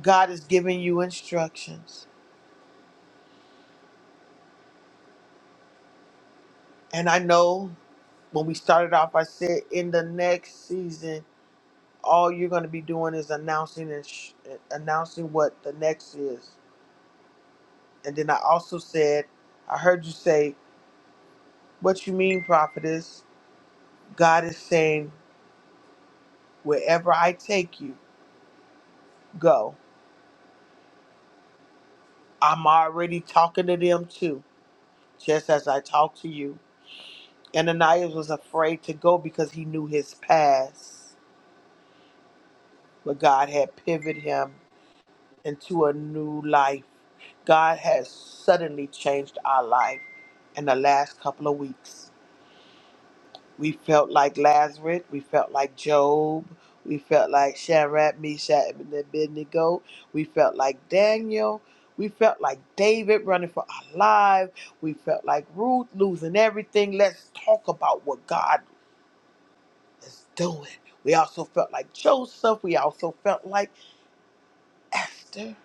Speaker 1: God is giving you instructions. And I know when we started off, I said in the next season, all you're going to be doing is announcing and sh- eh, announcing what the next is. And then I also said, I heard you say, "What you mean, prophetess? God is saying, wherever I take you, go. I'm already talking to them too, just as I talk to you." And Ananias was afraid to go because he knew his past, but God had pivoted him into a new life. God has suddenly changed our life in the last couple of weeks. We felt like Lazarus. We felt like Job. We felt like Shadrach, Meshach, and Abednego. We felt like Daniel. We felt like David running for our lives. We felt like Ruth losing everything. Let's talk about what God is doing. We also felt like Joseph. We also felt like Esther.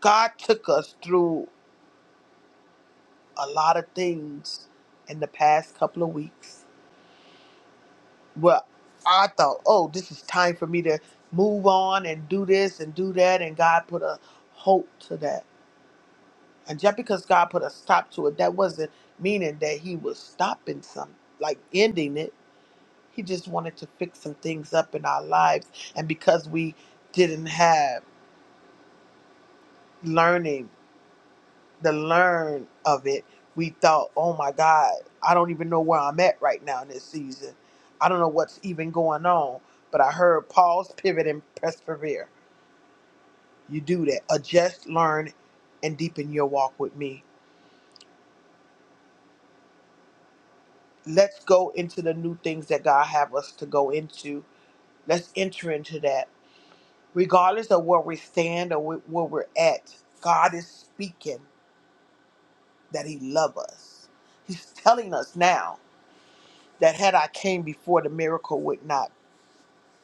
Speaker 1: God took us through a lot of things in the past couple of weeks. well, I thought, oh, this is time for me to move on and do this and do that. And God put a halt to that. And just because God put a stop to it, that wasn't meaning that He was stopping some, like ending it. He just wanted to fix some things up in our lives. And because we didn't have learning the learn of it, we thought, oh my God, I don't even know where I'm at right now in this season. I don't know what's even going on. But I heard pause, pivot, and persevere. You do that. Adjust, learn, and deepen your walk with me. Let's go into the new things that God have us to go into. Let's enter into that. Regardless of where we stand or wh- where we're at, God is speaking that He love us. He's telling us now. that had I came before, the miracle would not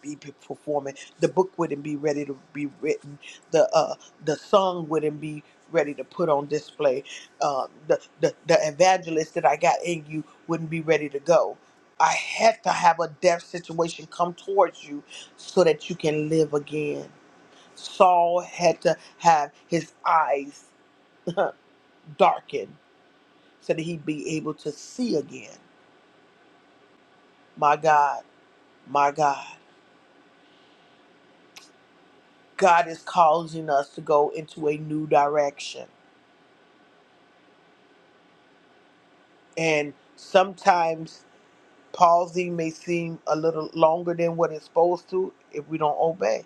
Speaker 1: be p- performing. The book wouldn't be ready to be written. The uh, the song wouldn't be ready to put on display. Uh, the, the the evangelist that I got in you wouldn't be ready to go. I had to have a death situation come towards you so that you can live again. Saul had to have his eyes darkened so that he'd be able to see again. My God, my God. God is causing us to go into a new direction. And sometimes pausing may seem a little longer than what it's supposed to if we don't obey.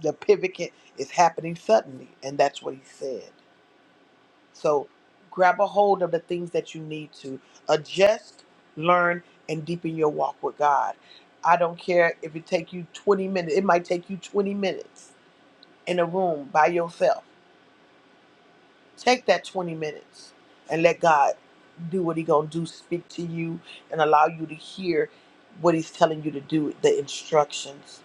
Speaker 1: The pivot can- is happening suddenly, and that's what he said. So grab a hold of the things that you need to adjust, learn, and deepen your walk with God. I don't care if it take you 20 minutes. It might take you 20 minutes in a room by yourself Take that 20 minutes and let God do what he going to do, speak to you and allow you to hear what he's telling you to do, the instructions.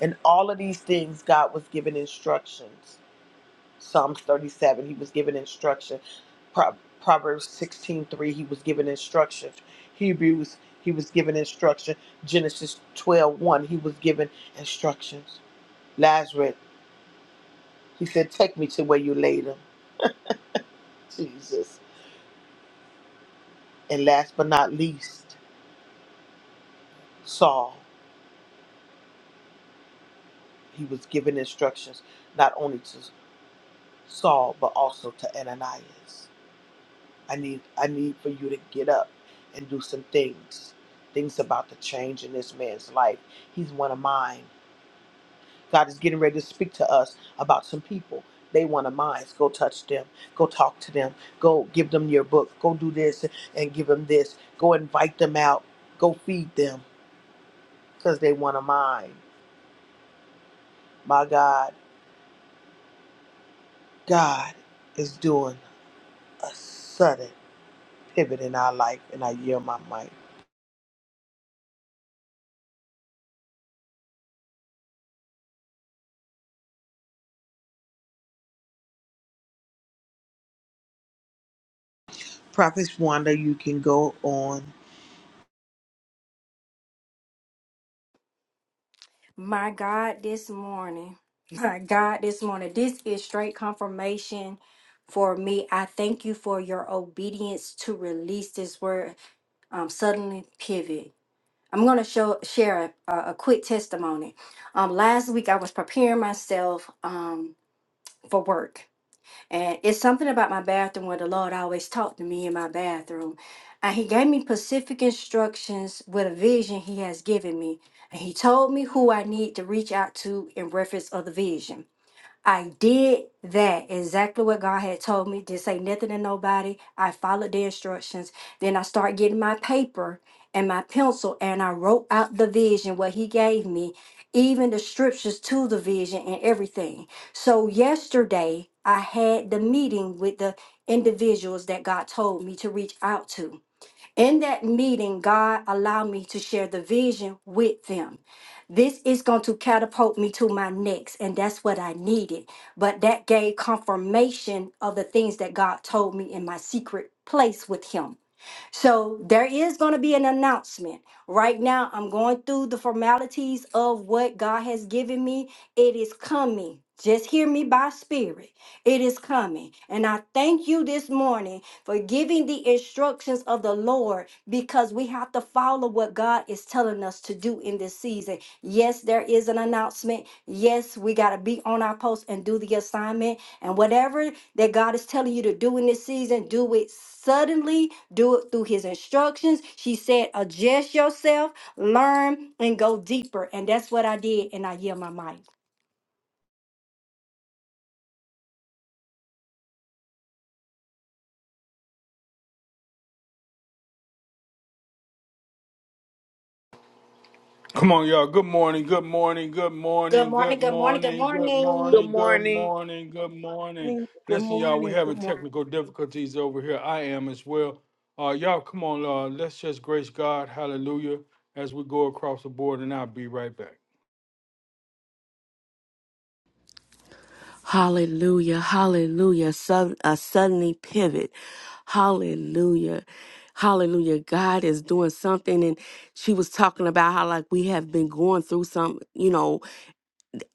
Speaker 1: And all of these things, God was giving instructions. Psalms 37, he was given instruction. Pro- Proverbs sixteen-three. he was given instruction. Hebrews, he was given instruction. Genesis twelve-one. he was given instructions. Lazarus, he said, take me to where you laid him. Jesus. And last but not least, Saul. He was given instructions not only to Saul but also to Ananias. I need I need for you to get up and do some things. Things about to change in this man's life. He's one of mine. God is getting ready to speak to us about some people. They one of mine. Go touch them. Go talk to them. Go give them your book. Go do this and give them this. Go invite them out. Go feed them because they one of mine. My God. God is doing a sudden pivot in our life, and I yield my mic. Prophet Wanda, you can go on.
Speaker 3: My God, this morning, my God, this morning, this is straight confirmation for me. I thank you for your obedience to release this word. Um, suddenly pivot. I'm going to show share a, a a quick testimony. Um, last week I was preparing myself um for work, and it's something about my bathroom where the Lord always talked to me in my bathroom. And He gave me specific instructions with a vision He has given me. And He told me who I need to reach out to in reference of the vision. I did that exactly what God had told me. Didn't say nothing to nobody. I followed the instructions. Then I started getting my paper and my pencil and I wrote out the vision, what He gave me, even the scriptures to the vision and everything. So yesterday, I had the meeting with the individuals that God told me to reach out to. In that meeting, God allowed me to share the vision with them. This is going to catapult me to my next, and that's what I needed. But that gave confirmation of the things that God told me in my secret place with Him. So there is going to be an announcement. Right now, I'm going through the formalities of what God has given me. It is coming. Just hear me by spirit. It is coming. And I thank you this morning for giving the instructions of the Lord because we have to follow what God is telling us to do in this season. Yes, there is an announcement. Yes, we got to be on our post and do the assignment. And whatever that God is telling you to do in this season, do it suddenly, do it through His instructions. She said, adjust yourself, learn, and go deeper. And that's what I did, and I yield my mic.
Speaker 5: Come on, y'all. Good morning. Good morning. Good
Speaker 3: Good
Speaker 5: morning.
Speaker 3: morning,
Speaker 5: Good
Speaker 3: good morning, good
Speaker 5: morning. Good
Speaker 3: morning.
Speaker 1: Good
Speaker 5: morning. Good
Speaker 1: morning.
Speaker 5: morning. Good morning.
Speaker 4: morning. Good
Speaker 5: Listen, y'all, we're
Speaker 4: morning. Good
Speaker 5: having
Speaker 4: morning.
Speaker 5: technical difficulties over here. I am as well. Uh, y'all, come on. Uh, let's just grace God. Hallelujah. As we go across the board, and I'll be right back.
Speaker 6: Hallelujah. Hallelujah. Sud- a suddenly pivot. Hallelujah. Hallelujah. God is doing something. And she was talking about how, like, we have been going through some, you know,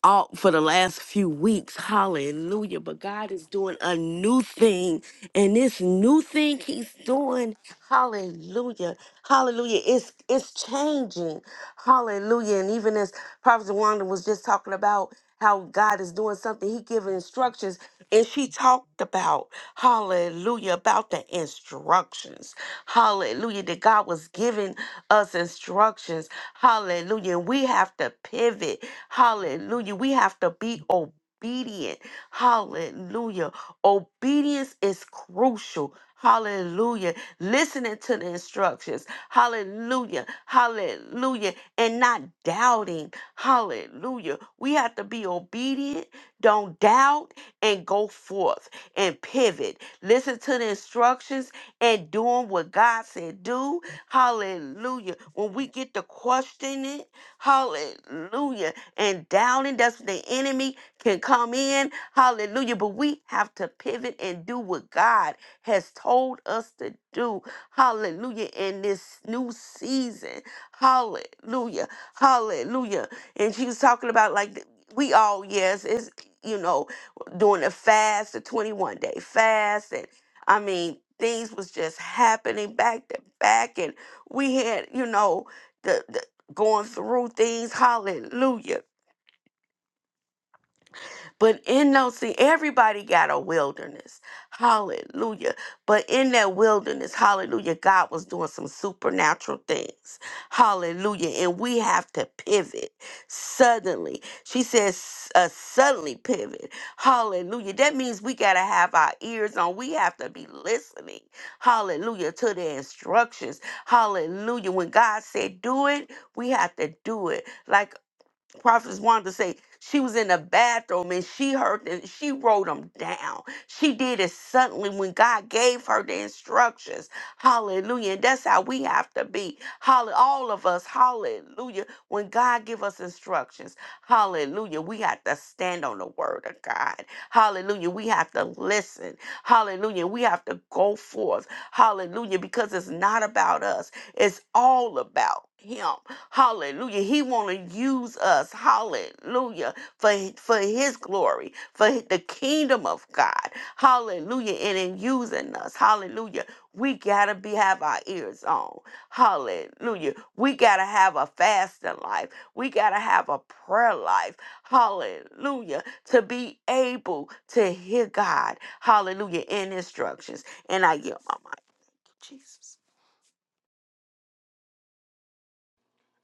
Speaker 6: out for the last few weeks. Hallelujah. But God is doing a new thing. And this new thing He's doing, hallelujah. Hallelujah. It's it's changing. Hallelujah. And even as Prophet Wanda was just talking about how God is doing something, He giving instructions. And she talked about, hallelujah, about the instructions. Hallelujah. That God was giving us instructions. Hallelujah. And we have to pivot. Hallelujah. We have to be obedient. Hallelujah. Obedience is crucial. Hallelujah. Listening to the instructions. Hallelujah. Hallelujah. And not doubting. Hallelujah. We have to be obedient. Don't doubt and go forth and pivot. Listen to the instructions and doing what God said do. Hallelujah. When we get to question it, hallelujah and doubting. That's when the enemy can come in. Hallelujah. But we have to pivot and do what God has told us to do. Hallelujah. In this new season. Hallelujah. Hallelujah. And she was talking about like th- we all, yes, it's you know, doing a fast, a 21 day fast, and I mean things was just happening back to back, and we had, you know, the, the going through things. Hallelujah but in those, see, everybody got a wilderness. Hallelujah. But in that wilderness, hallelujah, God was doing some supernatural things. Hallelujah. And we have to pivot suddenly. She says, uh, suddenly pivot. Hallelujah. That means we got to have our ears on. We have to be listening. Hallelujah. To the instructions. Hallelujah. When God said do it, we have to do it. Like Prophets wanted to say she was in the bathroom and she heard that she wrote them down. She did it suddenly when God gave her the instructions. Hallelujah. And that's how we have to be. Hallelujah. All of us. Hallelujah. When God give us instructions. Hallelujah. We have to stand on the word of God. Hallelujah. We have to listen. Hallelujah. We have to go forth. Hallelujah. Because it's not about us. It's all about him. Hallelujah. He want to use us. Hallelujah. For for his glory, for the kingdom of God. Hallelujah. And in using us. Hallelujah. We got to be have our ears on. Hallelujah. We got to have a fasting life. We got to have a prayer life. Hallelujah. To be able to hear God. Hallelujah. In instructions. And I yield my mic. Jesus.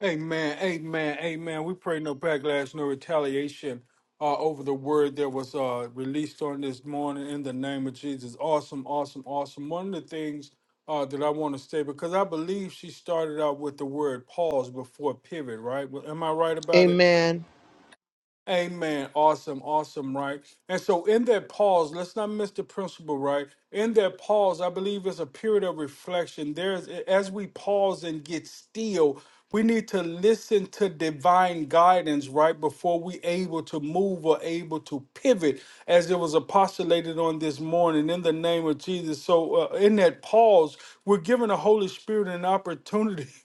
Speaker 5: Amen, amen, amen. We pray no backlash, no retaliation uh, over the word that was uh, released on this morning in the name of Jesus. Awesome, awesome, awesome. One of the things uh, that I want to say, because I believe she started out with the word pause before pivot, right? Well, Am I right about it?
Speaker 1: Amen.
Speaker 5: Amen. Awesome. Awesome. Right. And so, in that pause, let's not miss the principle, right? In that pause, I believe it's a period of reflection. There's, as we pause and get still, we need to listen to divine guidance, right? Before we able to move or able to pivot, as it was apostolated on this morning in the name of Jesus. So, uh, in that pause, we're giving the Holy Spirit an opportunity. <laughs>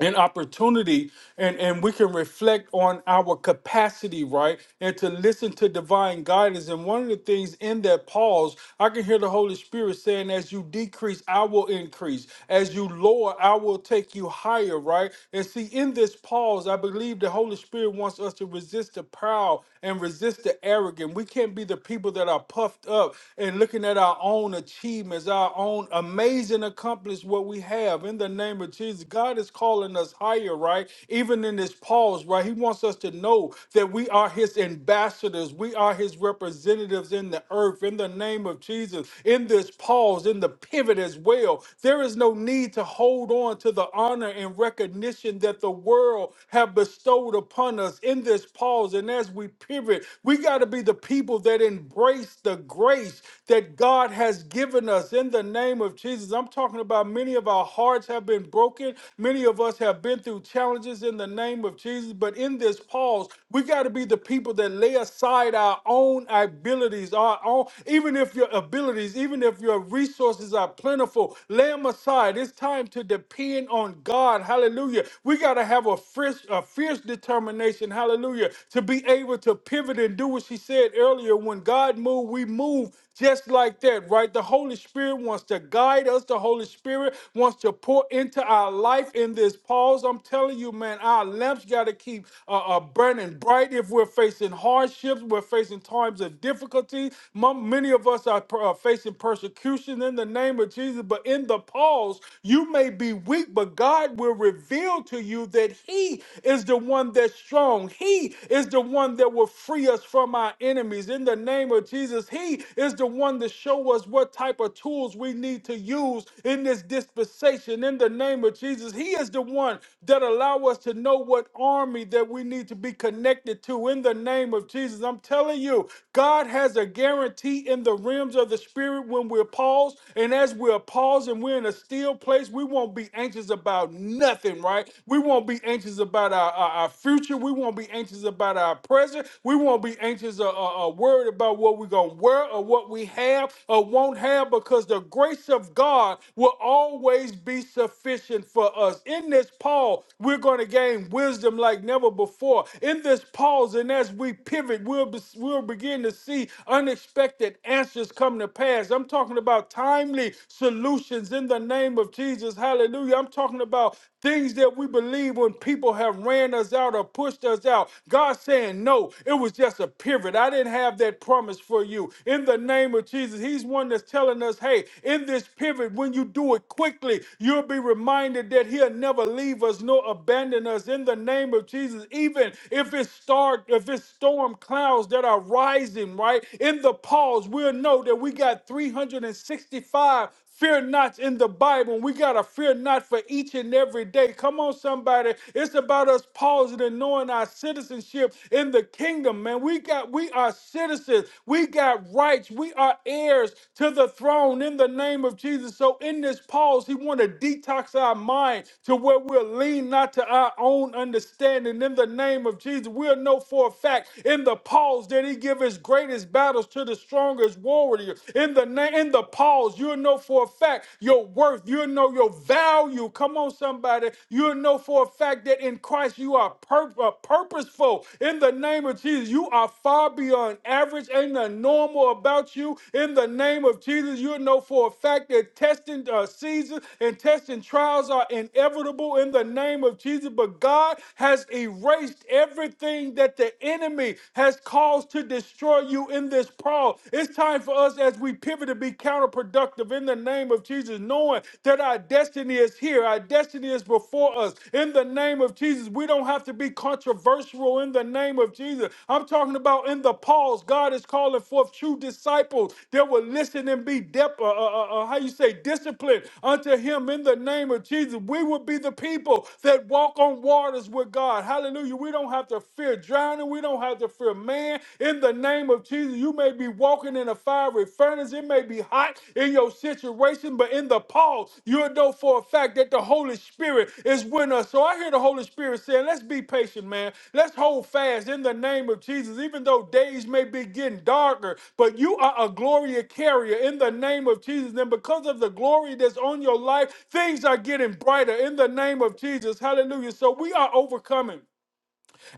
Speaker 5: and opportunity and and we can reflect on our capacity right and to listen to divine guidance and one of the things in that pause i can hear the holy spirit saying as you decrease i will increase as you lower i will take you higher right and see in this pause i believe the holy spirit wants us to resist the proud and resist the arrogant. We can't be the people that are puffed up and looking at our own achievements, our own amazing accomplishments, what we have in the name of Jesus. God is calling us higher, right? Even in this pause, right? He wants us to know that we are his ambassadors, we are his representatives in the earth, in the name of Jesus, in this pause, in the pivot as well. There is no need to hold on to the honor and recognition that the world have bestowed upon us us in this pause and as we pivot, we got to be the people that embrace the grace that God has given us in the name of Jesus. I'm talking about many of our hearts have been broken. Many of us have been through challenges in the name of Jesus. But in this pause, we got to be the people that lay aside our own abilities, our own, even if your abilities, even if your resources are plentiful, lay them aside. It's time to depend on God. Hallelujah. We got to have a fierce, a fierce determination, hallelujah, to be able to pivot and do what she said earlier. When God moved, we move just like that, right? The Holy Spirit wants to guide us. The Holy Spirit wants to pour into our life in this pause. I'm telling you, man, our lamps got to keep uh, uh, burning bright if we're facing hardships, we're facing times of difficulty. Mom, many of us are per- uh, facing persecution in the name of Jesus, but in the pause, you may be weak, but God will will reveal to you that He is the one that's strong. He is the one that will free us from our enemies. In the name of Jesus, He is the one to show us what type of tools we need to use in this dispensation. In the name of Jesus, He is the one that allow us to know what army that we need to be connected to. In the name of Jesus, I'm telling you, God has a guarantee in the realms of the spirit when we're paused, and as we're paused and we're in a still place Christ, we won't be anxious about nothing, right? We won't be anxious about our, our, our future. We won't be anxious about our present. We won't be anxious or, or, or worried about what we're going to wear or what we have or won't have because the grace of God will always be sufficient for us. In this Paul, we're going to gain wisdom like never before. In this pause and as we pivot, we'll, be, we'll begin to see unexpected answers come to pass. I'm talking about timely solutions solutions in the name of Jesus. Hallelujah. I'm talking about things that we believe when people have ran us out or pushed us out. God saying, No, it was just a pivot. I didn't have that promise for you. In the name of Jesus, He's one that's telling us, Hey, in this pivot, when you do it quickly, you'll be reminded that He'll never leave us nor abandon us. In the name of Jesus, even if it's start, if it's storm clouds that are rising, right? In the pause, we'll know that we got 365 Fear not in the Bible. We got to fear not for each and every day. Come on, somebody. It's about us pausing and knowing our citizenship in the kingdom, man. We got we are citizens. We got rights. We are heirs to the throne in the name of Jesus. So in this pause, he want to detox our mind to where we'll lean not to our own understanding in the name of Jesus. We'll know for a fact in the pause that he give his greatest battles to the strongest warrior future. in the name, in the pause, you'll know for a fact your worth. You'll know your value. Come on, somebody. You'll know for a fact that in Christ you are pur- uh, purposeful. In the name of Jesus, you are far beyond average. Ain't nothing normal about you. In the name of Jesus, you'll know for a fact that testing uh, seasons and testing trials are inevitable. In the name of Jesus, but God has erased everything that the enemy has caused to destroy you you in this Paul. It's time for us as we pivot to be counterproductive in the name of Jesus, knowing that our destiny is here, our destiny is before us. In the name of Jesus, we don't have to be controversial in the name of Jesus. I'm talking about in the Pauls, God is calling forth true disciples that will listen and be dep- uh, uh, uh, uh, how you say disciplined unto him in the name of Jesus. We will be the people that walk on waters with God. Hallelujah. We don't have to fear drowning. We don't don't have to fear man. In the name of Jesus, you may be walking in a fiery furnace. It may be hot in your situation, but in the pause, you'll know for a fact that the Holy Spirit is with us. So I hear the Holy Spirit saying, let's be patient, man. Let's hold fast in the name of Jesus, even though days may be getting darker, but you are a glory carrier in the name of Jesus. And because of the glory that's on your life, things are getting brighter in the name of Jesus. Hallelujah. So we are overcoming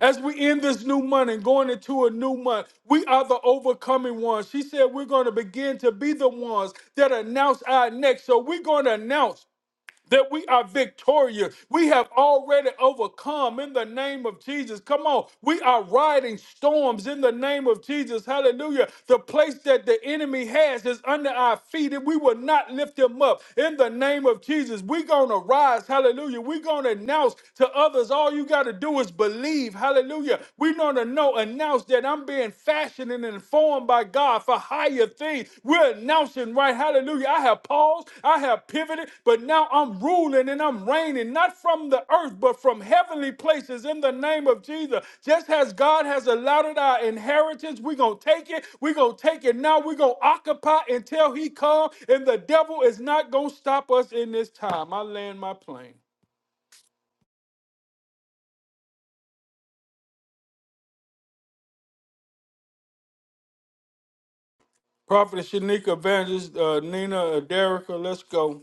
Speaker 5: as we end this new month and going into a new month, we are the overcoming ones. She said we're going to begin to be the ones that announce our next. So we're going to announce that we are victorious. We have already overcome in the name of Jesus. Come on. We are riding storms in the name of Jesus. Hallelujah. The place that the enemy has is under our feet, and we will not lift him up in the name of Jesus. We're going to rise. Hallelujah. We're going to announce to others all you got to do is believe. Hallelujah. We're going to know, announce that I'm being fashioned and informed by God for higher things. We're announcing, right? Hallelujah. I have paused, I have pivoted, but now I'm ruling and I'm reigning, not from the earth, but from heavenly places in the name of Jesus. Just as God has allotted our inheritance, we're going to take it. We're going to take it now. We're going to occupy until He comes, and the devil is not going to stop us in this time. I land my plane. Prophetess Shanika Evangelist, uh, Nina, uh, Derricka, let's go.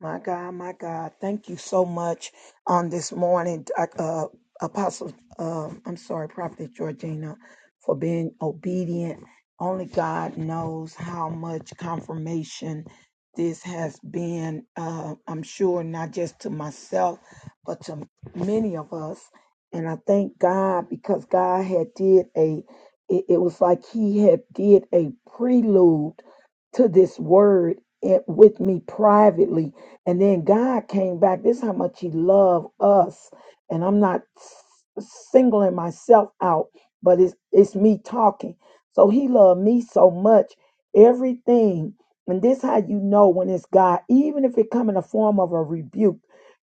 Speaker 4: My God, my God, thank you so much on this morning, Doc- uh, Apostle. Uh, I'm sorry, Prophet Georgina, for being obedient. Only God knows how much confirmation this has been. Uh, I'm sure not just to myself, but to many of us. And I thank God because God had did a. It, it was like He had did a prelude to this word it, with me privately and then God came back. This is how much He loved us. And I'm not s- singling myself out, but it's it's me talking. So He loved me so much. Everything, and this how you know when it's God, even if it come in the form of a rebuke.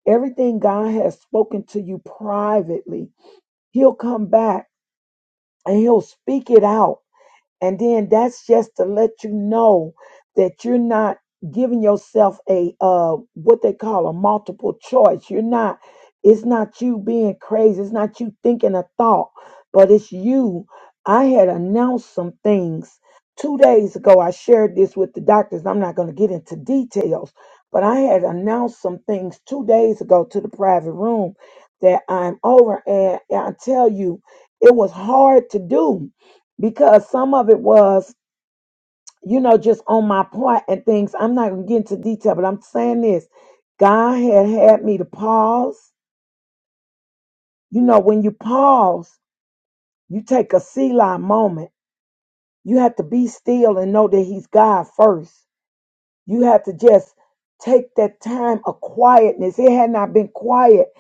Speaker 4: Everything God has spoken to you privately, He'll come back and He'll speak it out and then that's just to let you know that you're not giving yourself a uh what they call a multiple choice. You're not it's not you being crazy, it's not you thinking a thought, but it's you. I had announced some things two days ago. I shared this with the doctors. I'm not going to get into details, but I had announced some things two days ago to the private room that I'm over. And I tell you, it was hard to do because some of it was, you know, just on my part and things. I'm not going to get into detail, but I'm saying this God had had me to pause. You know, when you pause, you take a Selah moment. You have to be still and know that He's God first. You have to just take that time of quietness. It had not been quiet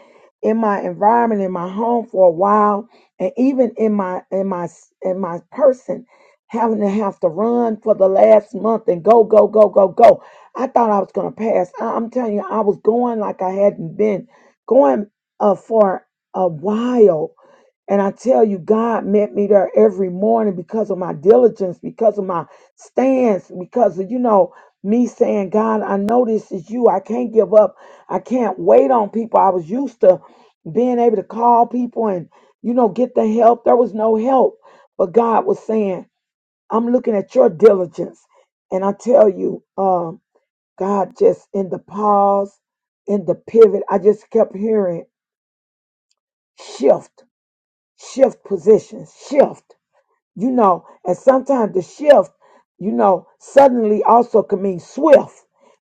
Speaker 4: in my environment, in my home for a while, and even in my in my in my person, having to have to run for the last month and go go go go go. I thought I was gonna pass. I, am telling you, I was going like I hadn't been going uh, for a while and I tell you, God met me there every morning because of my diligence, because of my stance, because of, you know, me saying, God, I know this is you. I can't give up. I can't wait on people. I was used to being able to call people and, you know, get the help. There was no help. But God was saying, I'm looking at your diligence. And I tell you, um, God, just in the pause, in the pivot, I just kept hearing shift, shift positions, shift you know, and sometimes the shift, you know, suddenly also can mean swift,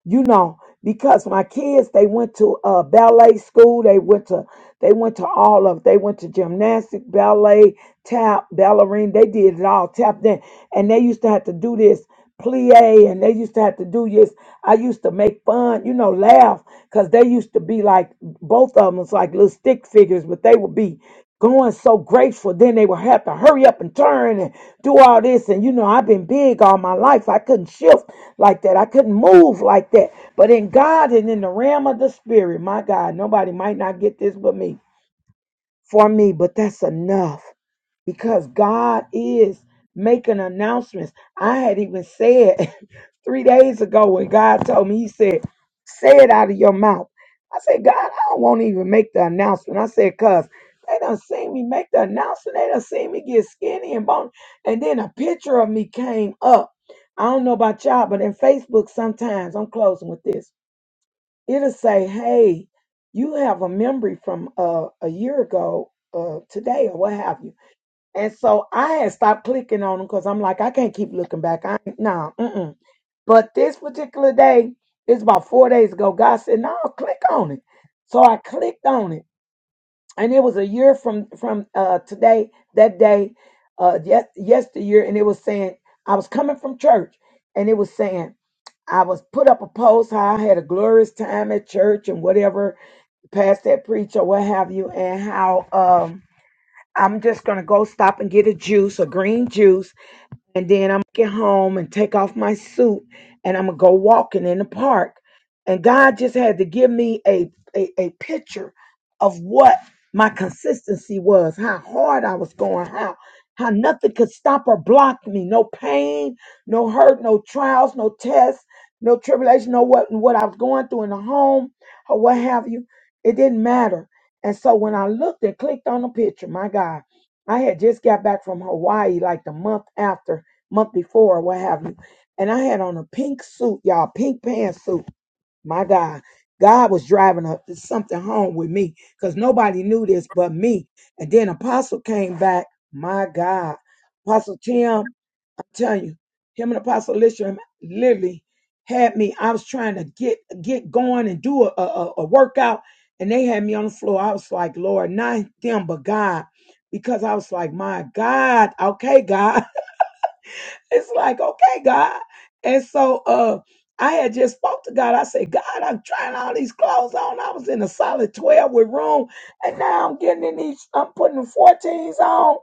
Speaker 4: you know, because my kids they went to uh, ballet school, they went to they went to all of, they went to gymnastic, ballet, tap, ballerine, they did it all, tap dance, and they used to have to do this plie, and they used to have to do this. I used to make fun, you know, laugh, cause they used to be like both of them was like little stick figures, but they would be going so grateful. Then they would have to hurry up and turn and do all this. And you know, I've been big all my life. I couldn't shift like that. I couldn't move like that. But in God and in the realm of the spirit, my God, nobody might not get this but me. For me, but that's enough because God is making announcements. I had even said <laughs> three days ago when God told me, He said, say it out of your mouth. I said, God, I don't want to even make the announcement. I said, cuz they done seen me make the announcement. They done seen me get skinny and bone. And then a picture of me came up. I don't know about y'all, but in Facebook sometimes, I'm closing with this. It'll say, hey, you have a memory from uh, a year ago, uh, today, or what have you. And so I had stopped clicking on them because I'm like, I can't keep looking back. I no, mm-mm. But this particular day, it's about four days ago. God said, "No, click on it." So I clicked on it, and it was a year from from uh, today, that day, uh, yes, yesteryear, and it was saying I was coming from church, and it was saying I was put up a post how I had a glorious time at church and whatever, past that preach or what have you, and how um, I'm just gonna go stop and get a juice, a green juice and then I'm gonna get home and take off my suit and I'm gonna go walking in the park. And God just had to give me a, a, a picture of what my consistency was, how hard I was going, how how nothing could stop or block me. No pain, no hurt, no trials, no tests, no tribulation, no what what I was going through in the home or what have you. It didn't matter. And so when I looked and clicked on the picture, my God, I had just got back from Hawaii like the month after month before or what have you. And I had on a pink suit, y'all, pink pantsuit. My God, God was driving a, something home with me because nobody knew this but me. And then Apostle came back. My God, Apostle Tim, I'm telling you, him and Apostle Lisham literally had me. I was trying to get get going and do a, a, a workout, and they had me on the floor. I was like, Lord, not them, but God, because I was like, my God, okay, God. It's like, okay, God. And so uh I had just spoke to God. I said, God, I'm trying all these clothes on. I was in a solid 12 with room. And now I'm getting in these, I'm putting the 14s on.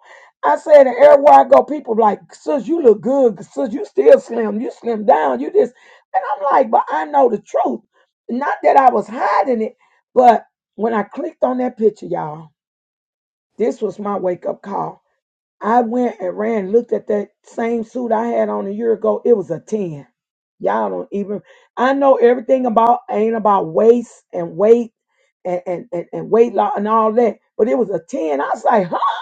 Speaker 4: I said, and everywhere I go, people like, sis, you look good. Sis, you still slim. You slim down. You this. And I'm like, but I know the truth. Not that I was hiding it, but when I clicked on that picture, y'all, this was my wake up call I went and ran and looked at that same suit I had on a year ago. It was a 10. Y'all don't even I know everything about ain't about waist and weight and, and, and, and weight loss and all that, but it was a 10. I was like, huh?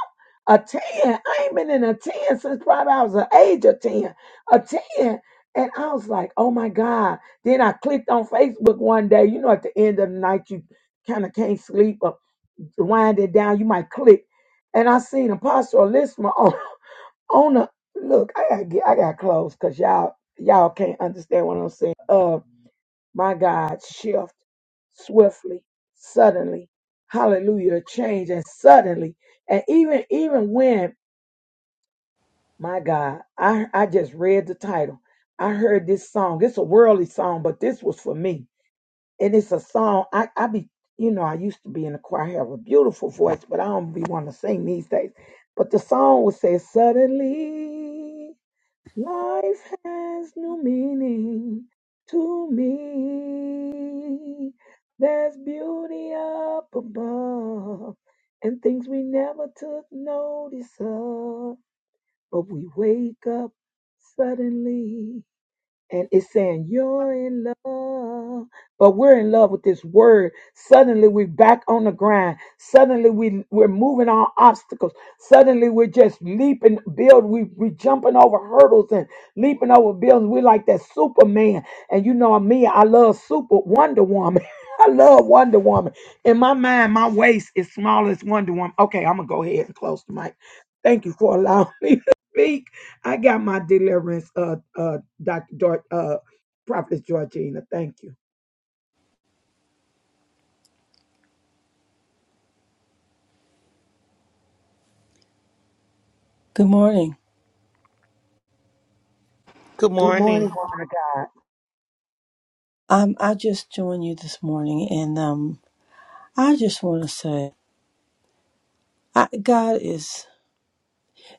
Speaker 4: A 10. I ain't been in a 10 since probably I was the age of 10. A 10. And I was like, oh my God. Then I clicked on Facebook one day. You know, at the end of the night, you kind of can't sleep or wind it down. You might click. And I seen Apostle Lisma on. On the look, I gotta get, I got close because y'all y'all can't understand what I'm saying. Uh, my God, shift swiftly, suddenly. Hallelujah, a change and suddenly, and even even when my God, I I just read the title. I heard this song. It's a worldly song, but this was for me, and it's a song I I be you know I used to be in the choir. I have a beautiful voice, but I don't be want to sing these days. But the song would say suddenly. Life has new meaning to me. There's beauty up above and things we never took notice of. But we wake up suddenly and it's saying you're in love but we're in love with this word suddenly we're back on the grind suddenly we, we're moving on obstacles suddenly we're just leaping build we, we're jumping over hurdles and leaping over buildings we're like that superman and you know me i love super wonder woman <laughs> i love wonder woman in my mind my waist is small as wonder woman okay i'm gonna go ahead and close the mic thank you for allowing <laughs> me to speak i got my deliverance uh, uh Dr. Dor- uh, Prophet Georgina. Thank you.
Speaker 7: Good morning.
Speaker 1: Good
Speaker 4: Good morning,
Speaker 1: morning.
Speaker 4: woman of God.
Speaker 7: Um, I just joined you this morning, and um, I just want to say, I, God is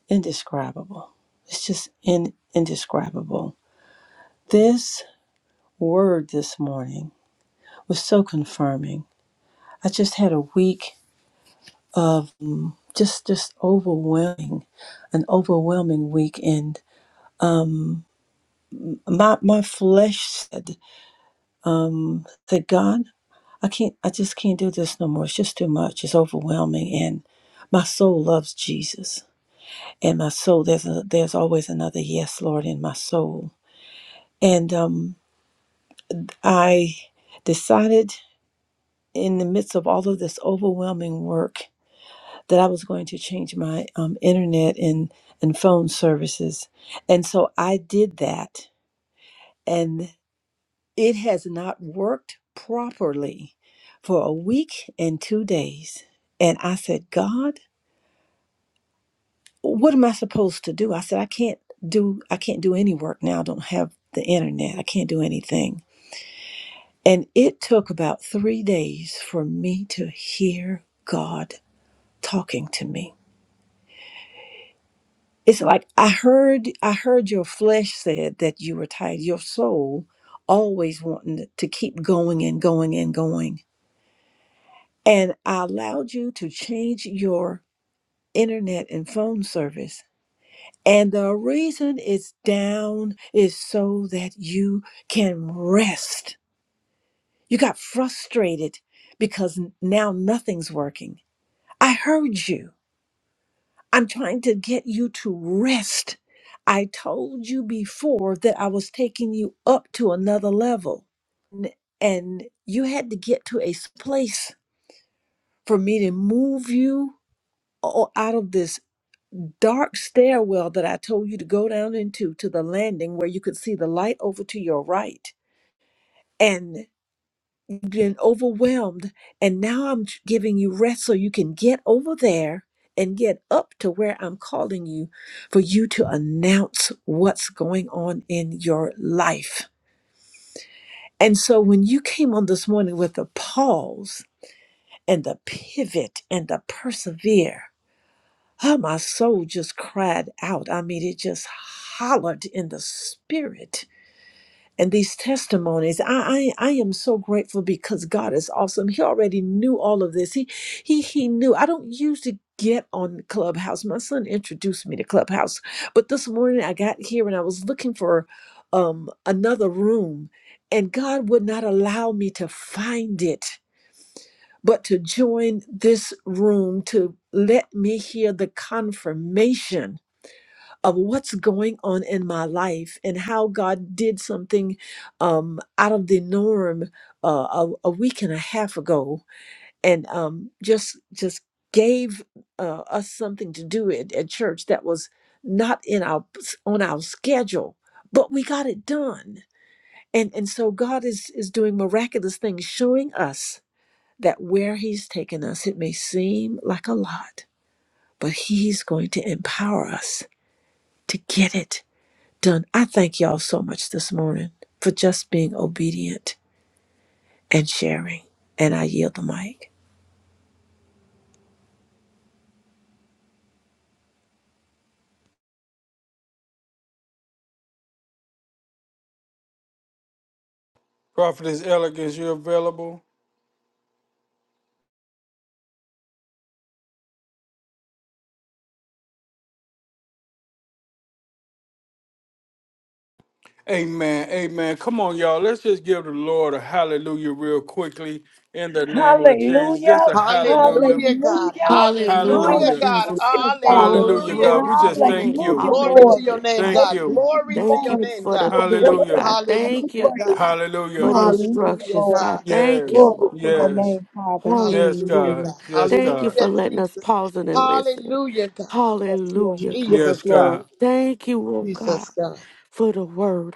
Speaker 7: indescribable. It's just in, indescribable. This word this morning was so confirming. I just had a week of um, just just overwhelming, an overwhelming week, and my my flesh said, um, "That God, I can't. I just can't do this no more. It's just too much. It's overwhelming." And my soul loves Jesus in my soul. There's a, there's always another yes, Lord, in my soul. And um, I decided in the midst of all of this overwhelming work that I was going to change my um, internet and and phone services. And so I did that, and it has not worked properly for a week and two days. And I said, God. what am I supposed to do? I said, I can't do I can't do any work now. I don't have the internet. I can't do anything. And it took about three days for me to hear God talking to me. It's like I heard I heard your flesh said that you were tired, your soul always wanting to keep going and going and going. And I allowed you to change your internet and phone service And the reason it's down is so that you can rest. You got frustrated because n- now nothing's working. I heard you. I'm trying to get you to rest. I told you before that I was taking you up to another level. N- And you had to get to a s- place for me to move you o- out of this dark stairwell that I told you to go down into to the landing where you could see the light over to your right. And you've been overwhelmed. And now I'm giving you rest so you can get over there and get up to where I'm calling you for you to announce what's going on in your life. And so when you came on this morning with the pause and the pivot and the persevere, Oh, my soul just cried out. I mean, it just hollered in the spirit. And these testimonies, I, I I am so grateful because God is awesome. He already knew all of this. He he he knew. I don't usually get on Clubhouse. My son introduced me to Clubhouse, but this morning I got here and I was looking for um another room, and God would not allow me to find it but to join this room to let me hear the confirmation of what's going on in my life and how God did something um, out of the norm uh, a, a week and a half ago, and um, just just gave uh, us something to do at, at church that was not in our on our schedule, but we got it done. And and so God is is doing miraculous things, showing us that where He's taken us, it may seem like a lot, but He's going to empower us to get it done. I thank y'all so much this morning for just being obedient and sharing. And I yield the mic.
Speaker 5: Prophetess Elegance, you're available. Amen. Amen. Come on, y'all. Let's just give the Lord a hallelujah real quickly in the name of Jesus.
Speaker 4: Hallelujah.
Speaker 5: Just a hallelujah.
Speaker 1: Hallelujah, God.
Speaker 4: Hallelujah.
Speaker 6: Hallelujah,
Speaker 1: Hallelujah,
Speaker 5: Hallelujah.
Speaker 1: God.
Speaker 6: Jesus.
Speaker 4: Hallelujah, Father.
Speaker 6: Glory,
Speaker 5: Hallelujah,
Speaker 1: Hallelujah,
Speaker 5: God.
Speaker 6: glory
Speaker 5: We
Speaker 6: to
Speaker 5: just
Speaker 6: your
Speaker 1: Jesus.
Speaker 5: thank
Speaker 6: name.
Speaker 5: you.
Speaker 4: Hallelujah,
Speaker 1: Glory to
Speaker 4: Lord.
Speaker 1: your
Speaker 6: Hallelujah,
Speaker 1: name,
Speaker 6: God.
Speaker 5: Thank
Speaker 4: Thank
Speaker 1: God.
Speaker 5: you.
Speaker 1: Glory
Speaker 4: you,
Speaker 1: to
Speaker 6: Thank
Speaker 1: your
Speaker 6: you
Speaker 4: Lord.
Speaker 1: name,
Speaker 6: for the
Speaker 1: God.
Speaker 4: Your
Speaker 6: pivot,
Speaker 4: word
Speaker 5: Hallelujah.
Speaker 4: is
Speaker 6: God.
Speaker 4: to be
Speaker 6: Thank
Speaker 1: Hallelujah,
Speaker 6: you,
Speaker 4: praised.
Speaker 1: God.
Speaker 6: God, for
Speaker 5: Hallelujah.
Speaker 6: the
Speaker 4: Hallelujah,
Speaker 1: Hallelujah,
Speaker 6: instructions,
Speaker 4: Lord.
Speaker 6: God.
Speaker 1: God.
Speaker 6: Thank you,
Speaker 5: Yes.
Speaker 4: Glory,
Speaker 6: oh God.
Speaker 5: Yes.
Speaker 4: Father.
Speaker 5: Yes,
Speaker 1: Hallelujah,
Speaker 5: God.
Speaker 6: Hallelujah.
Speaker 1: God.
Speaker 5: Yes,
Speaker 6: Thank you
Speaker 5: God.
Speaker 6: for
Speaker 1: Hallelujah,
Speaker 6: letting us
Speaker 1: Jesus.
Speaker 6: pause and listen.
Speaker 1: Hallelujah, God.
Speaker 6: Hallelujah,
Speaker 4: Yes,
Speaker 6: God.
Speaker 1: Jesus,
Speaker 5: Yes,
Speaker 1: God.
Speaker 5: God.
Speaker 6: Thank you, oh God,
Speaker 1: Jesus, God.
Speaker 6: for the word.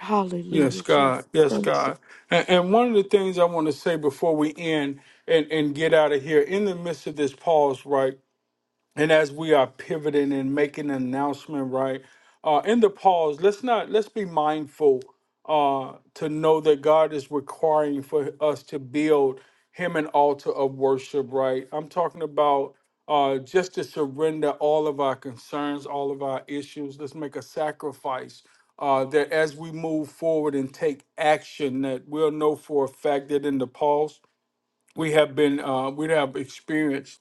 Speaker 5: Yes,
Speaker 6: Hallelujah,
Speaker 5: God.
Speaker 6: Jesus.
Speaker 5: Yes,
Speaker 6: Thank you.
Speaker 5: God. And, and one of the things I want to say before we end and, and get out of here in the midst of this pause, right? and as we are pivoting and making an announcement right uh in the pause let's not let's be mindful uh to know that god is requiring for us to build him an altar of worship right i'm talking about uh just to surrender all of our concerns all of our issues let's make a sacrifice uh that as we move forward and take action that we'll know for a fact that in the pause we have been uh we have experienced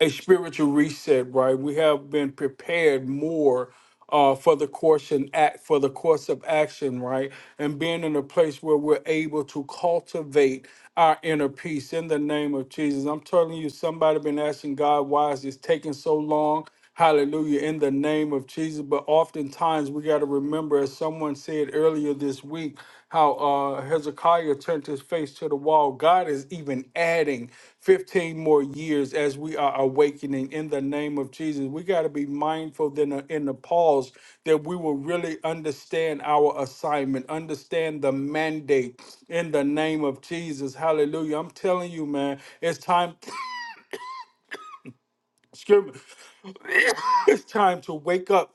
Speaker 5: a spiritual reset, right? We have been prepared more uh, for the course and act for the course of action, right? And being in a place where we're able to cultivate our inner peace in the name of Jesus. I'm telling you, somebody been asking God, why is this taking so long? Hallelujah, in the name of Jesus. But oftentimes we got to remember, as someone said earlier this week, how uh, Hezekiah turned his face to the wall. God is even adding 15 more years as we are awakening in the name of Jesus. We got to be mindful then uh, in the pause that we will really understand our assignment, understand the mandate in the name of Jesus. Hallelujah. I'm telling you, man, it's time, <coughs> excuse me, <coughs> it's time to wake up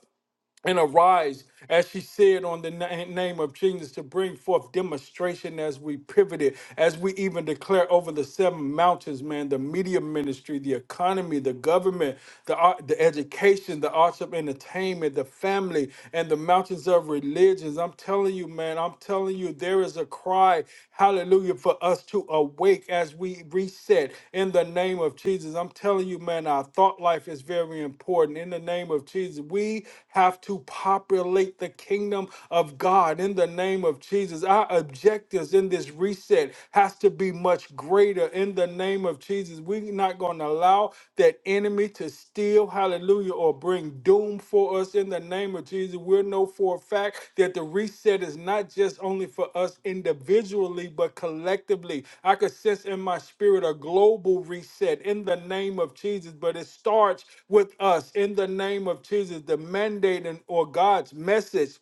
Speaker 5: and arise, as she said, on the na- name of Jesus to bring forth demonstration as we pivoted, as we even declare over the seven mountains, man, the media ministry, the economy, the government, the art, the education, the arts of entertainment, the family, and the mountains of religions. I'm telling you, man, I'm telling you, there is a cry. Hallelujah. For us to awake as we reset in the name of Jesus. I'm telling you, man, our thought life is very important. In the name of Jesus, we have to populate the kingdom of God in the name of Jesus. Our objectives in this reset has to be much greater in the name of Jesus. We're not going to allow that enemy to steal, hallelujah, or bring doom for us in the name of Jesus. we know for a fact that the reset is not just only for us individually, but collectively. I could sense in my spirit a global reset in the name of Jesus, but it starts with us in the name of Jesus. The mandate and or God's message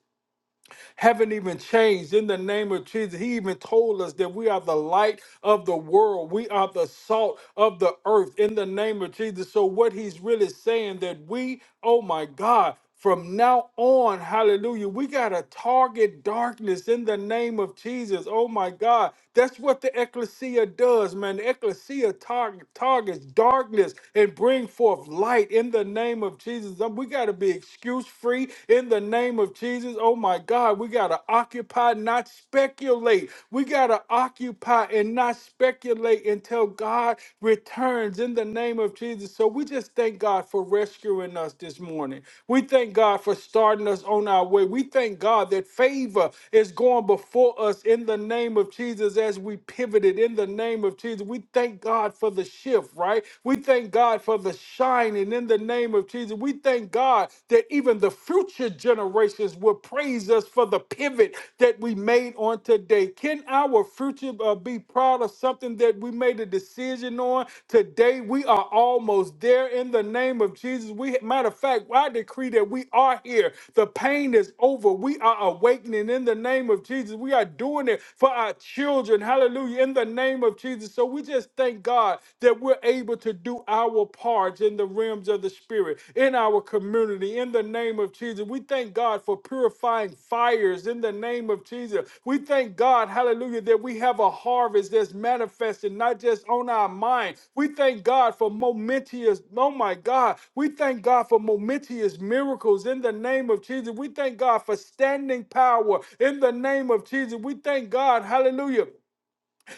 Speaker 5: haven't even changed. In the name of Jesus, He even told us that we are the light of the world, we are the salt of the earth. In the name of Jesus. So, what He's really saying that we, oh my God, from now on, hallelujah, we got to target darkness in the name of Jesus. Oh my God. That's what the ecclesia does, man. The ecclesia target, targets darkness and bring forth light in the name of Jesus. Um, We got to be excuses excuse free in the name of Jesus. Oh my God, we got to occupy, not speculate. We got to occupy and not speculate until God returns in the name of Jesus. So we just thank God for rescuing us this morning. We thank God for starting us on our way. We thank God that favor is going before us in the name of Jesus as we pivoted in the name of Jesus. We thank God for the shift, right? We thank God for the shine divine and in the name of Jesus. We thank God that even the future generations will praise us for the pivot that we made on today. Can our future uh, be proud of something that we made a decision on today? We are almost there in the name of Jesus. We matter of fact, I decree that we are here. The pain is over. We are awakening in the name of Jesus. We are doing it for our children. Hallelujah. In the name of Jesus. So we just thank God. God, that we're able to do our parts in the realms of the Spirit, in our community, in the name of Jesus. We thank God for purifying fires in the name of Jesus. We thank God, hallelujah, that we have a harvest that's manifested, not just on our mind. We thank God for momentous, oh my God, we thank God for momentous miracles in the name of Jesus. We thank God for standing power in the name of Jesus. We thank God, hallelujah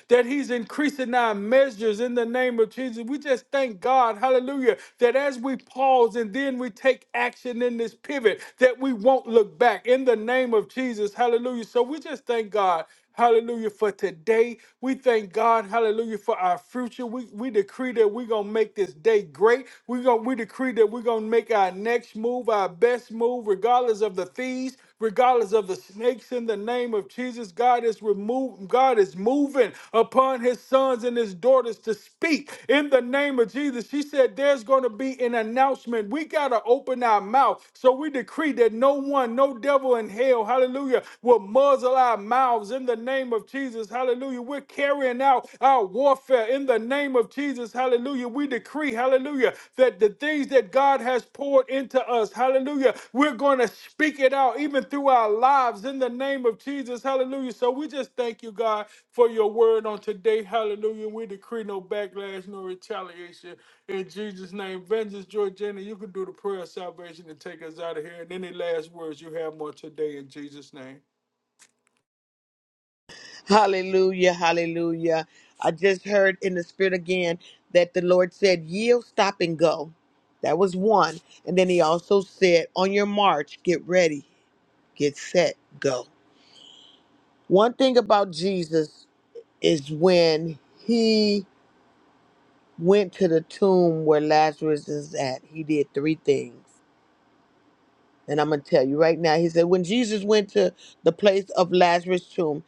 Speaker 5: that He's increasing our measures in the name of Jesus. We just thank God, hallelujah, that as we pause and then we take action in this pivot, that we won't look back in the name of Jesus, hallelujah. So we just thank God. Hallelujah for today. We thank God, hallelujah, for our future. We we decree that we're gonna make this day great. We're gonna we decree that we're gonna make our next move, our best move, regardless of the fees regardless of the snakes in the name of Jesus. God is removing, God is moving upon his sons and his daughters to speak in the name of Jesus. She said, There's going to be an announcement. We got to open our mouth. So we decree that no one, no devil in hell, hallelujah, will muzzle our mouths in the name of Jesus. Hallelujah. We're carrying out our warfare in the name of Jesus. Hallelujah hallelujah, we decree, hallelujah, that the things that God has poured into us, hallelujah, we're going to speak it out even through our lives in the name of Jesus, hallelujah. So we just thank you, God, for your word on today, hallelujah. We decree no backlash, no retaliation in Jesus' name. Vengeance, Georgiana, you can do the prayer of salvation and take us out of here. And any last words you have on today in Jesus' name.
Speaker 1: Hallelujah, hallelujah. I just heard in the spirit again that the Lord said, Yield, stop, and go. That was one. And then he also said, On your march, get ready, get set, go. One thing about Jesus is when he went to the tomb where Lazarus is at, he did three things. And I'm going to tell you right now, he said, when Jesus went to the place of Lazarus' tomb,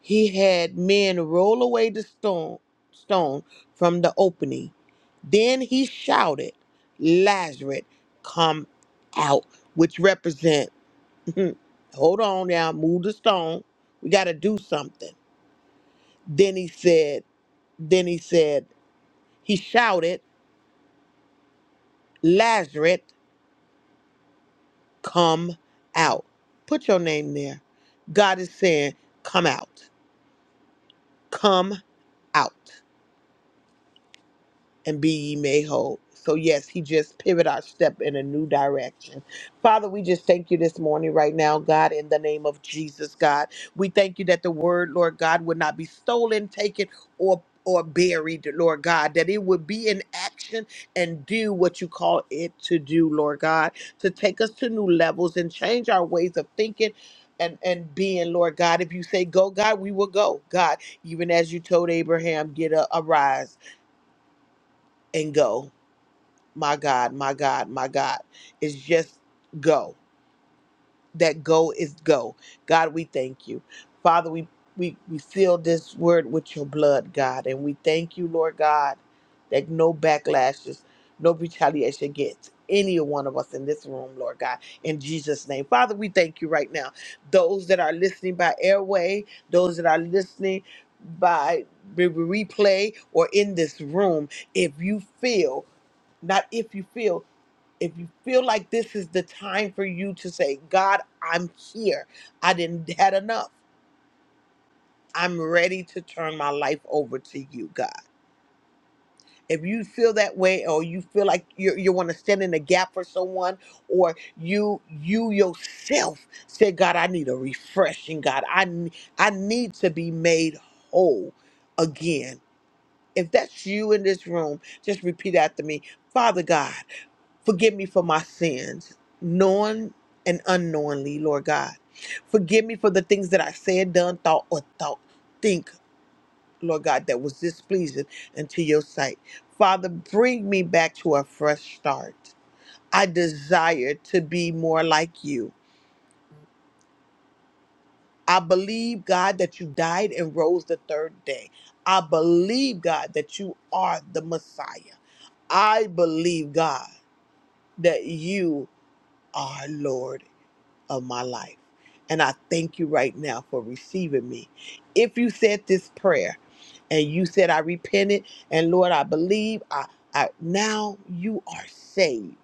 Speaker 1: He had men roll away the stone, stone from the opening. Then he shouted, Lazarus, come out, which represent, <laughs> hold on now, move the stone. We got to do something. Then he said, then he said, he shouted, Lazarus, come out. Put your name there. God is saying, come out, come out. and be ye made whole. So, yes, he just pivot our step in a new direction. Father, we just thank you this morning, right now, God, in the name of Jesus, God. We thank you that the word, Lord God, would not be stolen, taken, or or buried, Lord God, that it would be in action and do what you call it to do, Lord God, to take us to new levels and change our ways of thinking and, and being, Lord God. If you say go, God, we will go. God, even as you told Abraham, get up, arise and go my God, my God, my God. It's just go. That go is go. God, we thank you. Father, we, we, we seal this word with your blood, God. And we thank you, Lord God, that no backlashes, no retaliation gets any one of us in this room, Lord God, in Jesus' name. Father, we thank you right now. Those that are listening by airway, those that are listening by re- replay or in this room, if you feel, not if you feel, if you feel like this is the time for you to say, God, I'm here. I didn't <laughs> had enough. I'm ready to turn my life over to you, God. If you feel that way or you feel like you you want to stand in the gap for someone or you you yourself say, God, I need a refreshing, God. I n- I need to be made whole again. If that's you in this room, just repeat after me. Father God, Forgive me for my sins, known and unknowingly, Lord God. Forgive me for the things that I said, done, thought, or thought, think, Lord God, that was displeasing unto your sight. Father, bring me back to a fresh start. I desire to be more like you. I believe, God, that you died and rose the third day. I believe, God, that you are the Messiah. I believe, God, that you are Lord of my life. And I thank you right now for receiving me. If you said this prayer and you said, I repented and Lord, I believe, I, I now you are saved.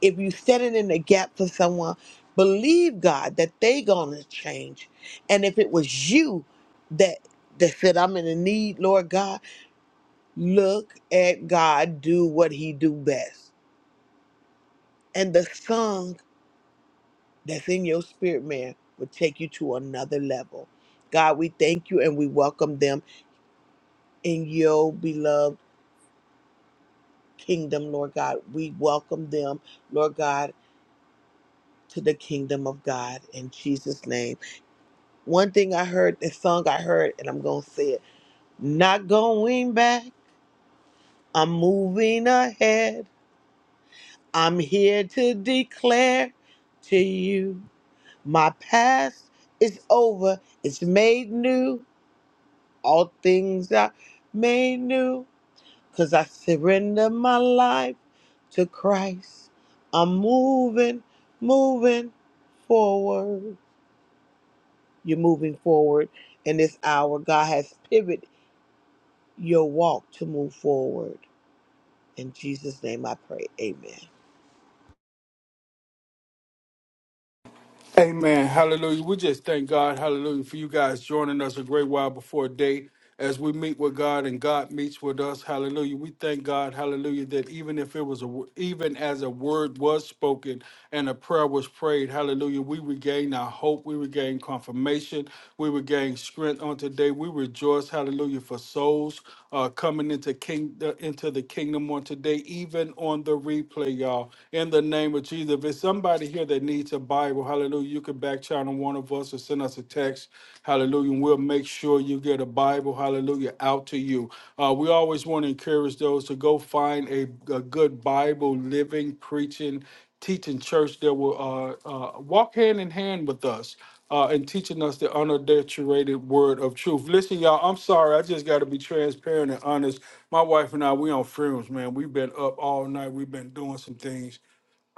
Speaker 1: If you set it in the gap for someone, believe God that they gonna change. And if it was you that that said, I'm in a need, Lord God, look at God do what he do best. And the song that's in your spirit, man, will take you to another level. God, we thank you and we welcome them in your beloved kingdom, Lord God. We welcome them, Lord God, to the kingdom of God in Jesus' name. One thing I heard, the song I heard, and I'm going to say it not going back, I'm moving ahead. I'm here to declare to you my past is over, it's made new. all things are made new because I surrender my life to Christ. I'm moving, moving forward. You're moving forward in this hour. God has pivoted your walk to move forward. In Jesus' name I pray. Amen.
Speaker 5: Amen. Hallelujah. We just thank God, hallelujah, for you guys joining us a great while before day as we meet with God and God meets with us. Hallelujah. We thank God, hallelujah, that even if it was a wo- even as a word was spoken and a prayer was prayed, hallelujah, we regain our hope, we regain confirmation, we regain strength on today. We rejoice, hallelujah, for souls uh, coming into king uh, into the kingdom on today, even on the replay, y'all. In the name of Jesus. If it's somebody somebody here that needs a Bible, hallelujah, you can back channel one of us or send us a text, hallelujah, and we'll make sure you get a Bible, hallelujah, out to you. Uh, we always want to encourage those to go find a, a good Bible, living, preaching, teaching church that will uh, uh, walk hand in hand with us uh, and teaching us the unadulterated word of truth. Listen, y'all, I'm sorry. I just got to be transparent and honest. My wife and I, we on fumes, man. We've been up all night. We've been doing some things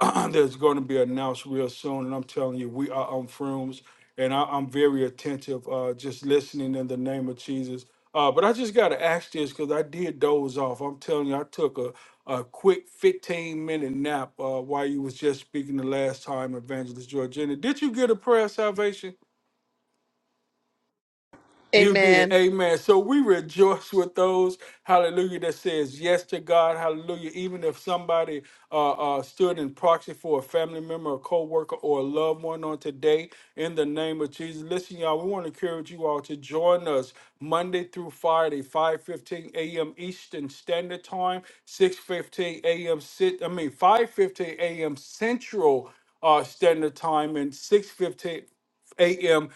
Speaker 5: <clears throat> that's going to be announced real soon. And I'm telling you, we are on frooms, and I, I'm very attentive, uh, just listening in the name of Jesus. Uh, but I just got to ask this because I did doze off. I'm telling you, I took a, a quick 15 minute nap uh, while you was just speaking the last time, Evangelist Georgina. Did you get a prayer of salvation? You did.
Speaker 1: Amen.
Speaker 5: Amen. So we rejoice with those, hallelujah, that says yes to God. Hallelujah. Even if somebody uh, uh, stood in proxy for a family member, a co-worker, or a loved one on today, in the name of Jesus. Listen, y'all, we want to encourage you all to join us Monday through Friday, 5.15 a.m. Eastern Standard Time, 6.15 a.m. Sit, I mean, 5.15 a.m. Central uh, Standard Time, and 6.15 a.m.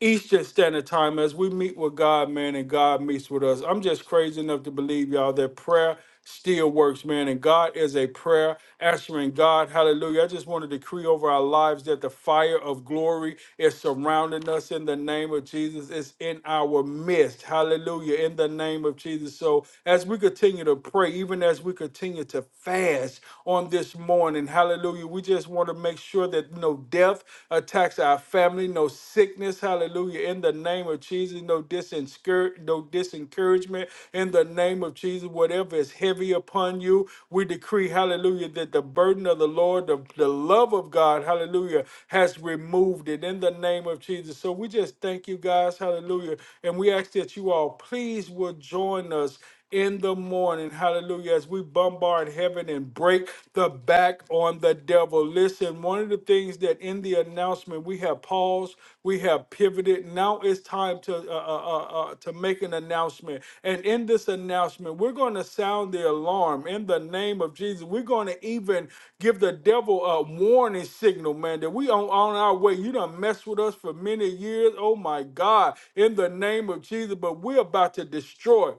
Speaker 5: Eastern Standard Time as we meet with God, man, and God meets with us. I'm just crazy enough to believe, y'all, that prayer still works, man, and God is a prayer answering God. Hallelujah. I just want to decree over our lives that the fire of glory is surrounding us in the name of Jesus. It's in our midst. Hallelujah. In the name of Jesus. So as we continue to pray, even as we continue to fast on this morning, hallelujah, we just want to make sure sure that no death attacks our family, no sickness, hallelujah, in the name of Jesus, no, disenscour- no disencouragement, in the name of Jesus, whatever is heavy upon you, we decree, hallelujah, that the burden of the Lord, the, the love of God, hallelujah, has removed it in the name of Jesus. So we just thank you guys, hallelujah, and we ask that you all please will join us in the morning. Hallelujah. As we bombard heaven and break the back on the devil. Listen, one of the things that in the announcement we have paused, we have pivoted. Now it's time to uh, uh, uh, uh, to make an announcement. And in this announcement, we're going to sound the alarm in the name of Jesus. We're going to even give the devil a warning signal, man, that we on, on our way. You done messed with us for many years. Oh my God. In the name of Jesus, but we're about to destroy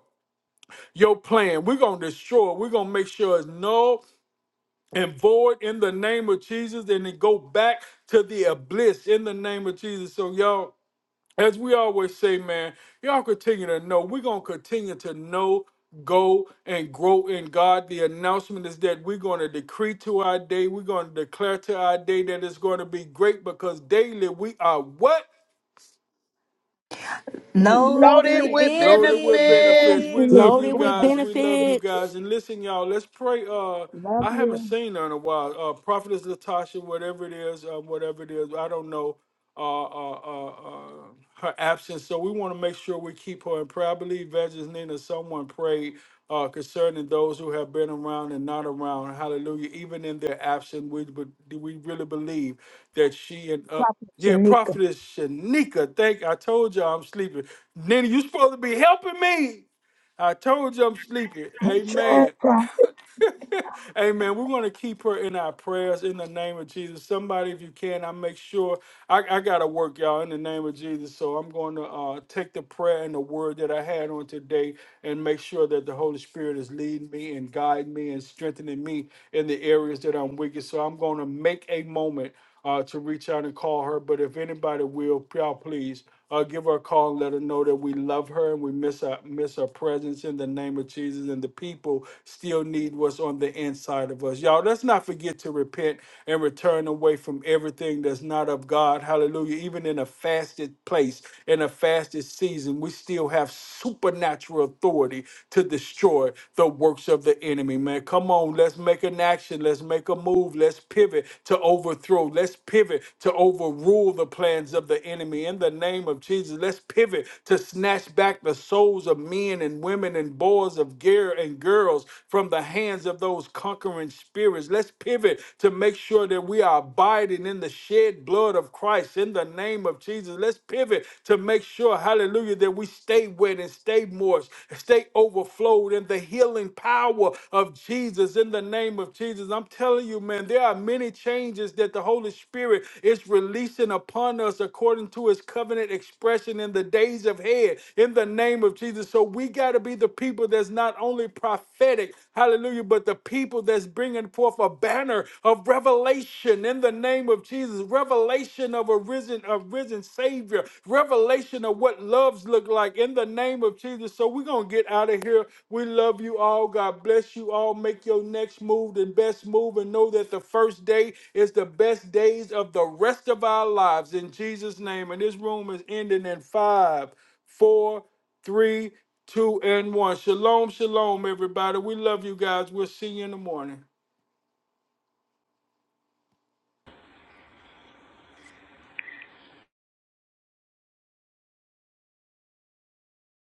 Speaker 5: your plan. We're gonna destroy it. We're gonna make sure it's null and void in the name of Jesus, and then go back to the abyss in the name of Jesus. So y'all, as we always say, man, y'all continue to know. We're gonna continue to know. Go and grow in God. The announcement is that we're going to decree to our day, we're going to declare to our day that it's going to be great because daily we are what?
Speaker 4: love
Speaker 3: Loaded
Speaker 1: Loaded
Speaker 3: with
Speaker 4: it.
Speaker 1: with
Speaker 5: Loaded with
Speaker 1: benefits.
Speaker 5: benefits. We
Speaker 3: benefits.
Speaker 5: love
Speaker 4: Benefit.
Speaker 5: you
Speaker 6: Loaded with
Speaker 5: guys.
Speaker 4: Love,
Speaker 5: We love you
Speaker 6: benefits.
Speaker 5: guys. And listen, y'all, let's pray. Uh,
Speaker 4: love
Speaker 5: I haven't
Speaker 4: you.
Speaker 5: seen her in a while. Uh, Prophetess Latasha, whatever it is, uh, whatever it is, I don't know uh, uh, uh, uh, her absence. So we want to make sure we keep her in prayer. I believe Evangelist Nina, someone prayed uh, concerning those who have been around and not around. Hallelujah. Even in their absence, we be- do we really believe that she and uh, yeah, Prophetess Shanika. Thank. I told y'all I'm sleeping. Nina, you supposed to be helping me. I told you I'm sleeping.
Speaker 4: I'm
Speaker 5: Amen.
Speaker 4: trying,
Speaker 5: <laughs> <laughs> Amen. We're going to keep her in our prayers in the name of Jesus. Somebody, if you can, I make sure I, I got to work, y'all, in the name of Jesus. So I'm going to uh, take the prayer and the word that I had on today and make sure that the Holy Spirit is leading me and guiding me and strengthening me in the areas that I'm wicked. So I'm going to make a moment uh, to reach out and call her. But if anybody will, y'all please uh, give her a call and let her know that we love her and we miss her, miss her presence in the name of Jesus. And the people still need what's on the inside of us. Y'all, let's not forget to repent and return away from everything that's not of God. Hallelujah. Even in a fasted place, in a fasted season, we still have supernatural authority to destroy the works of the enemy, man man. Come on, let's make an action. Let's make a move. Let's pivot to overthrow. Let's pivot to overrule the plans of the enemy in the name of Jesus. Let's pivot to snatch back the souls of men and women and boys of gear and girls from the hands of those conquering spirits. Let's pivot to make sure that we are abiding in the shed blood of Christ in the name of Jesus. Let's pivot to make sure, hallelujah, that we stay stay wet and stay moist, stay overflowed in the healing power of Jesus in the name of Jesus. I'm telling you, man, there are many changes that the Holy Spirit is releasing upon us according to his covenant expression in the days of head in the name of Jesus. So we got to be the people that's not only prophetic, hallelujah, but the people that's bringing forth a banner of revelation in the name of Jesus. Revelation revelation of a risen, a risen Savior, revelation of what loves look like in the name of Jesus. So we're gonna get out of here. We love you all. God bless you all. Make your next move the best move, and know that the first day is the best days of the rest of our lives in Jesus' name. And this room is ending in five, four, three, two, and one. Shalom, shalom, everybody. We love you guys. We'll see you in the morning.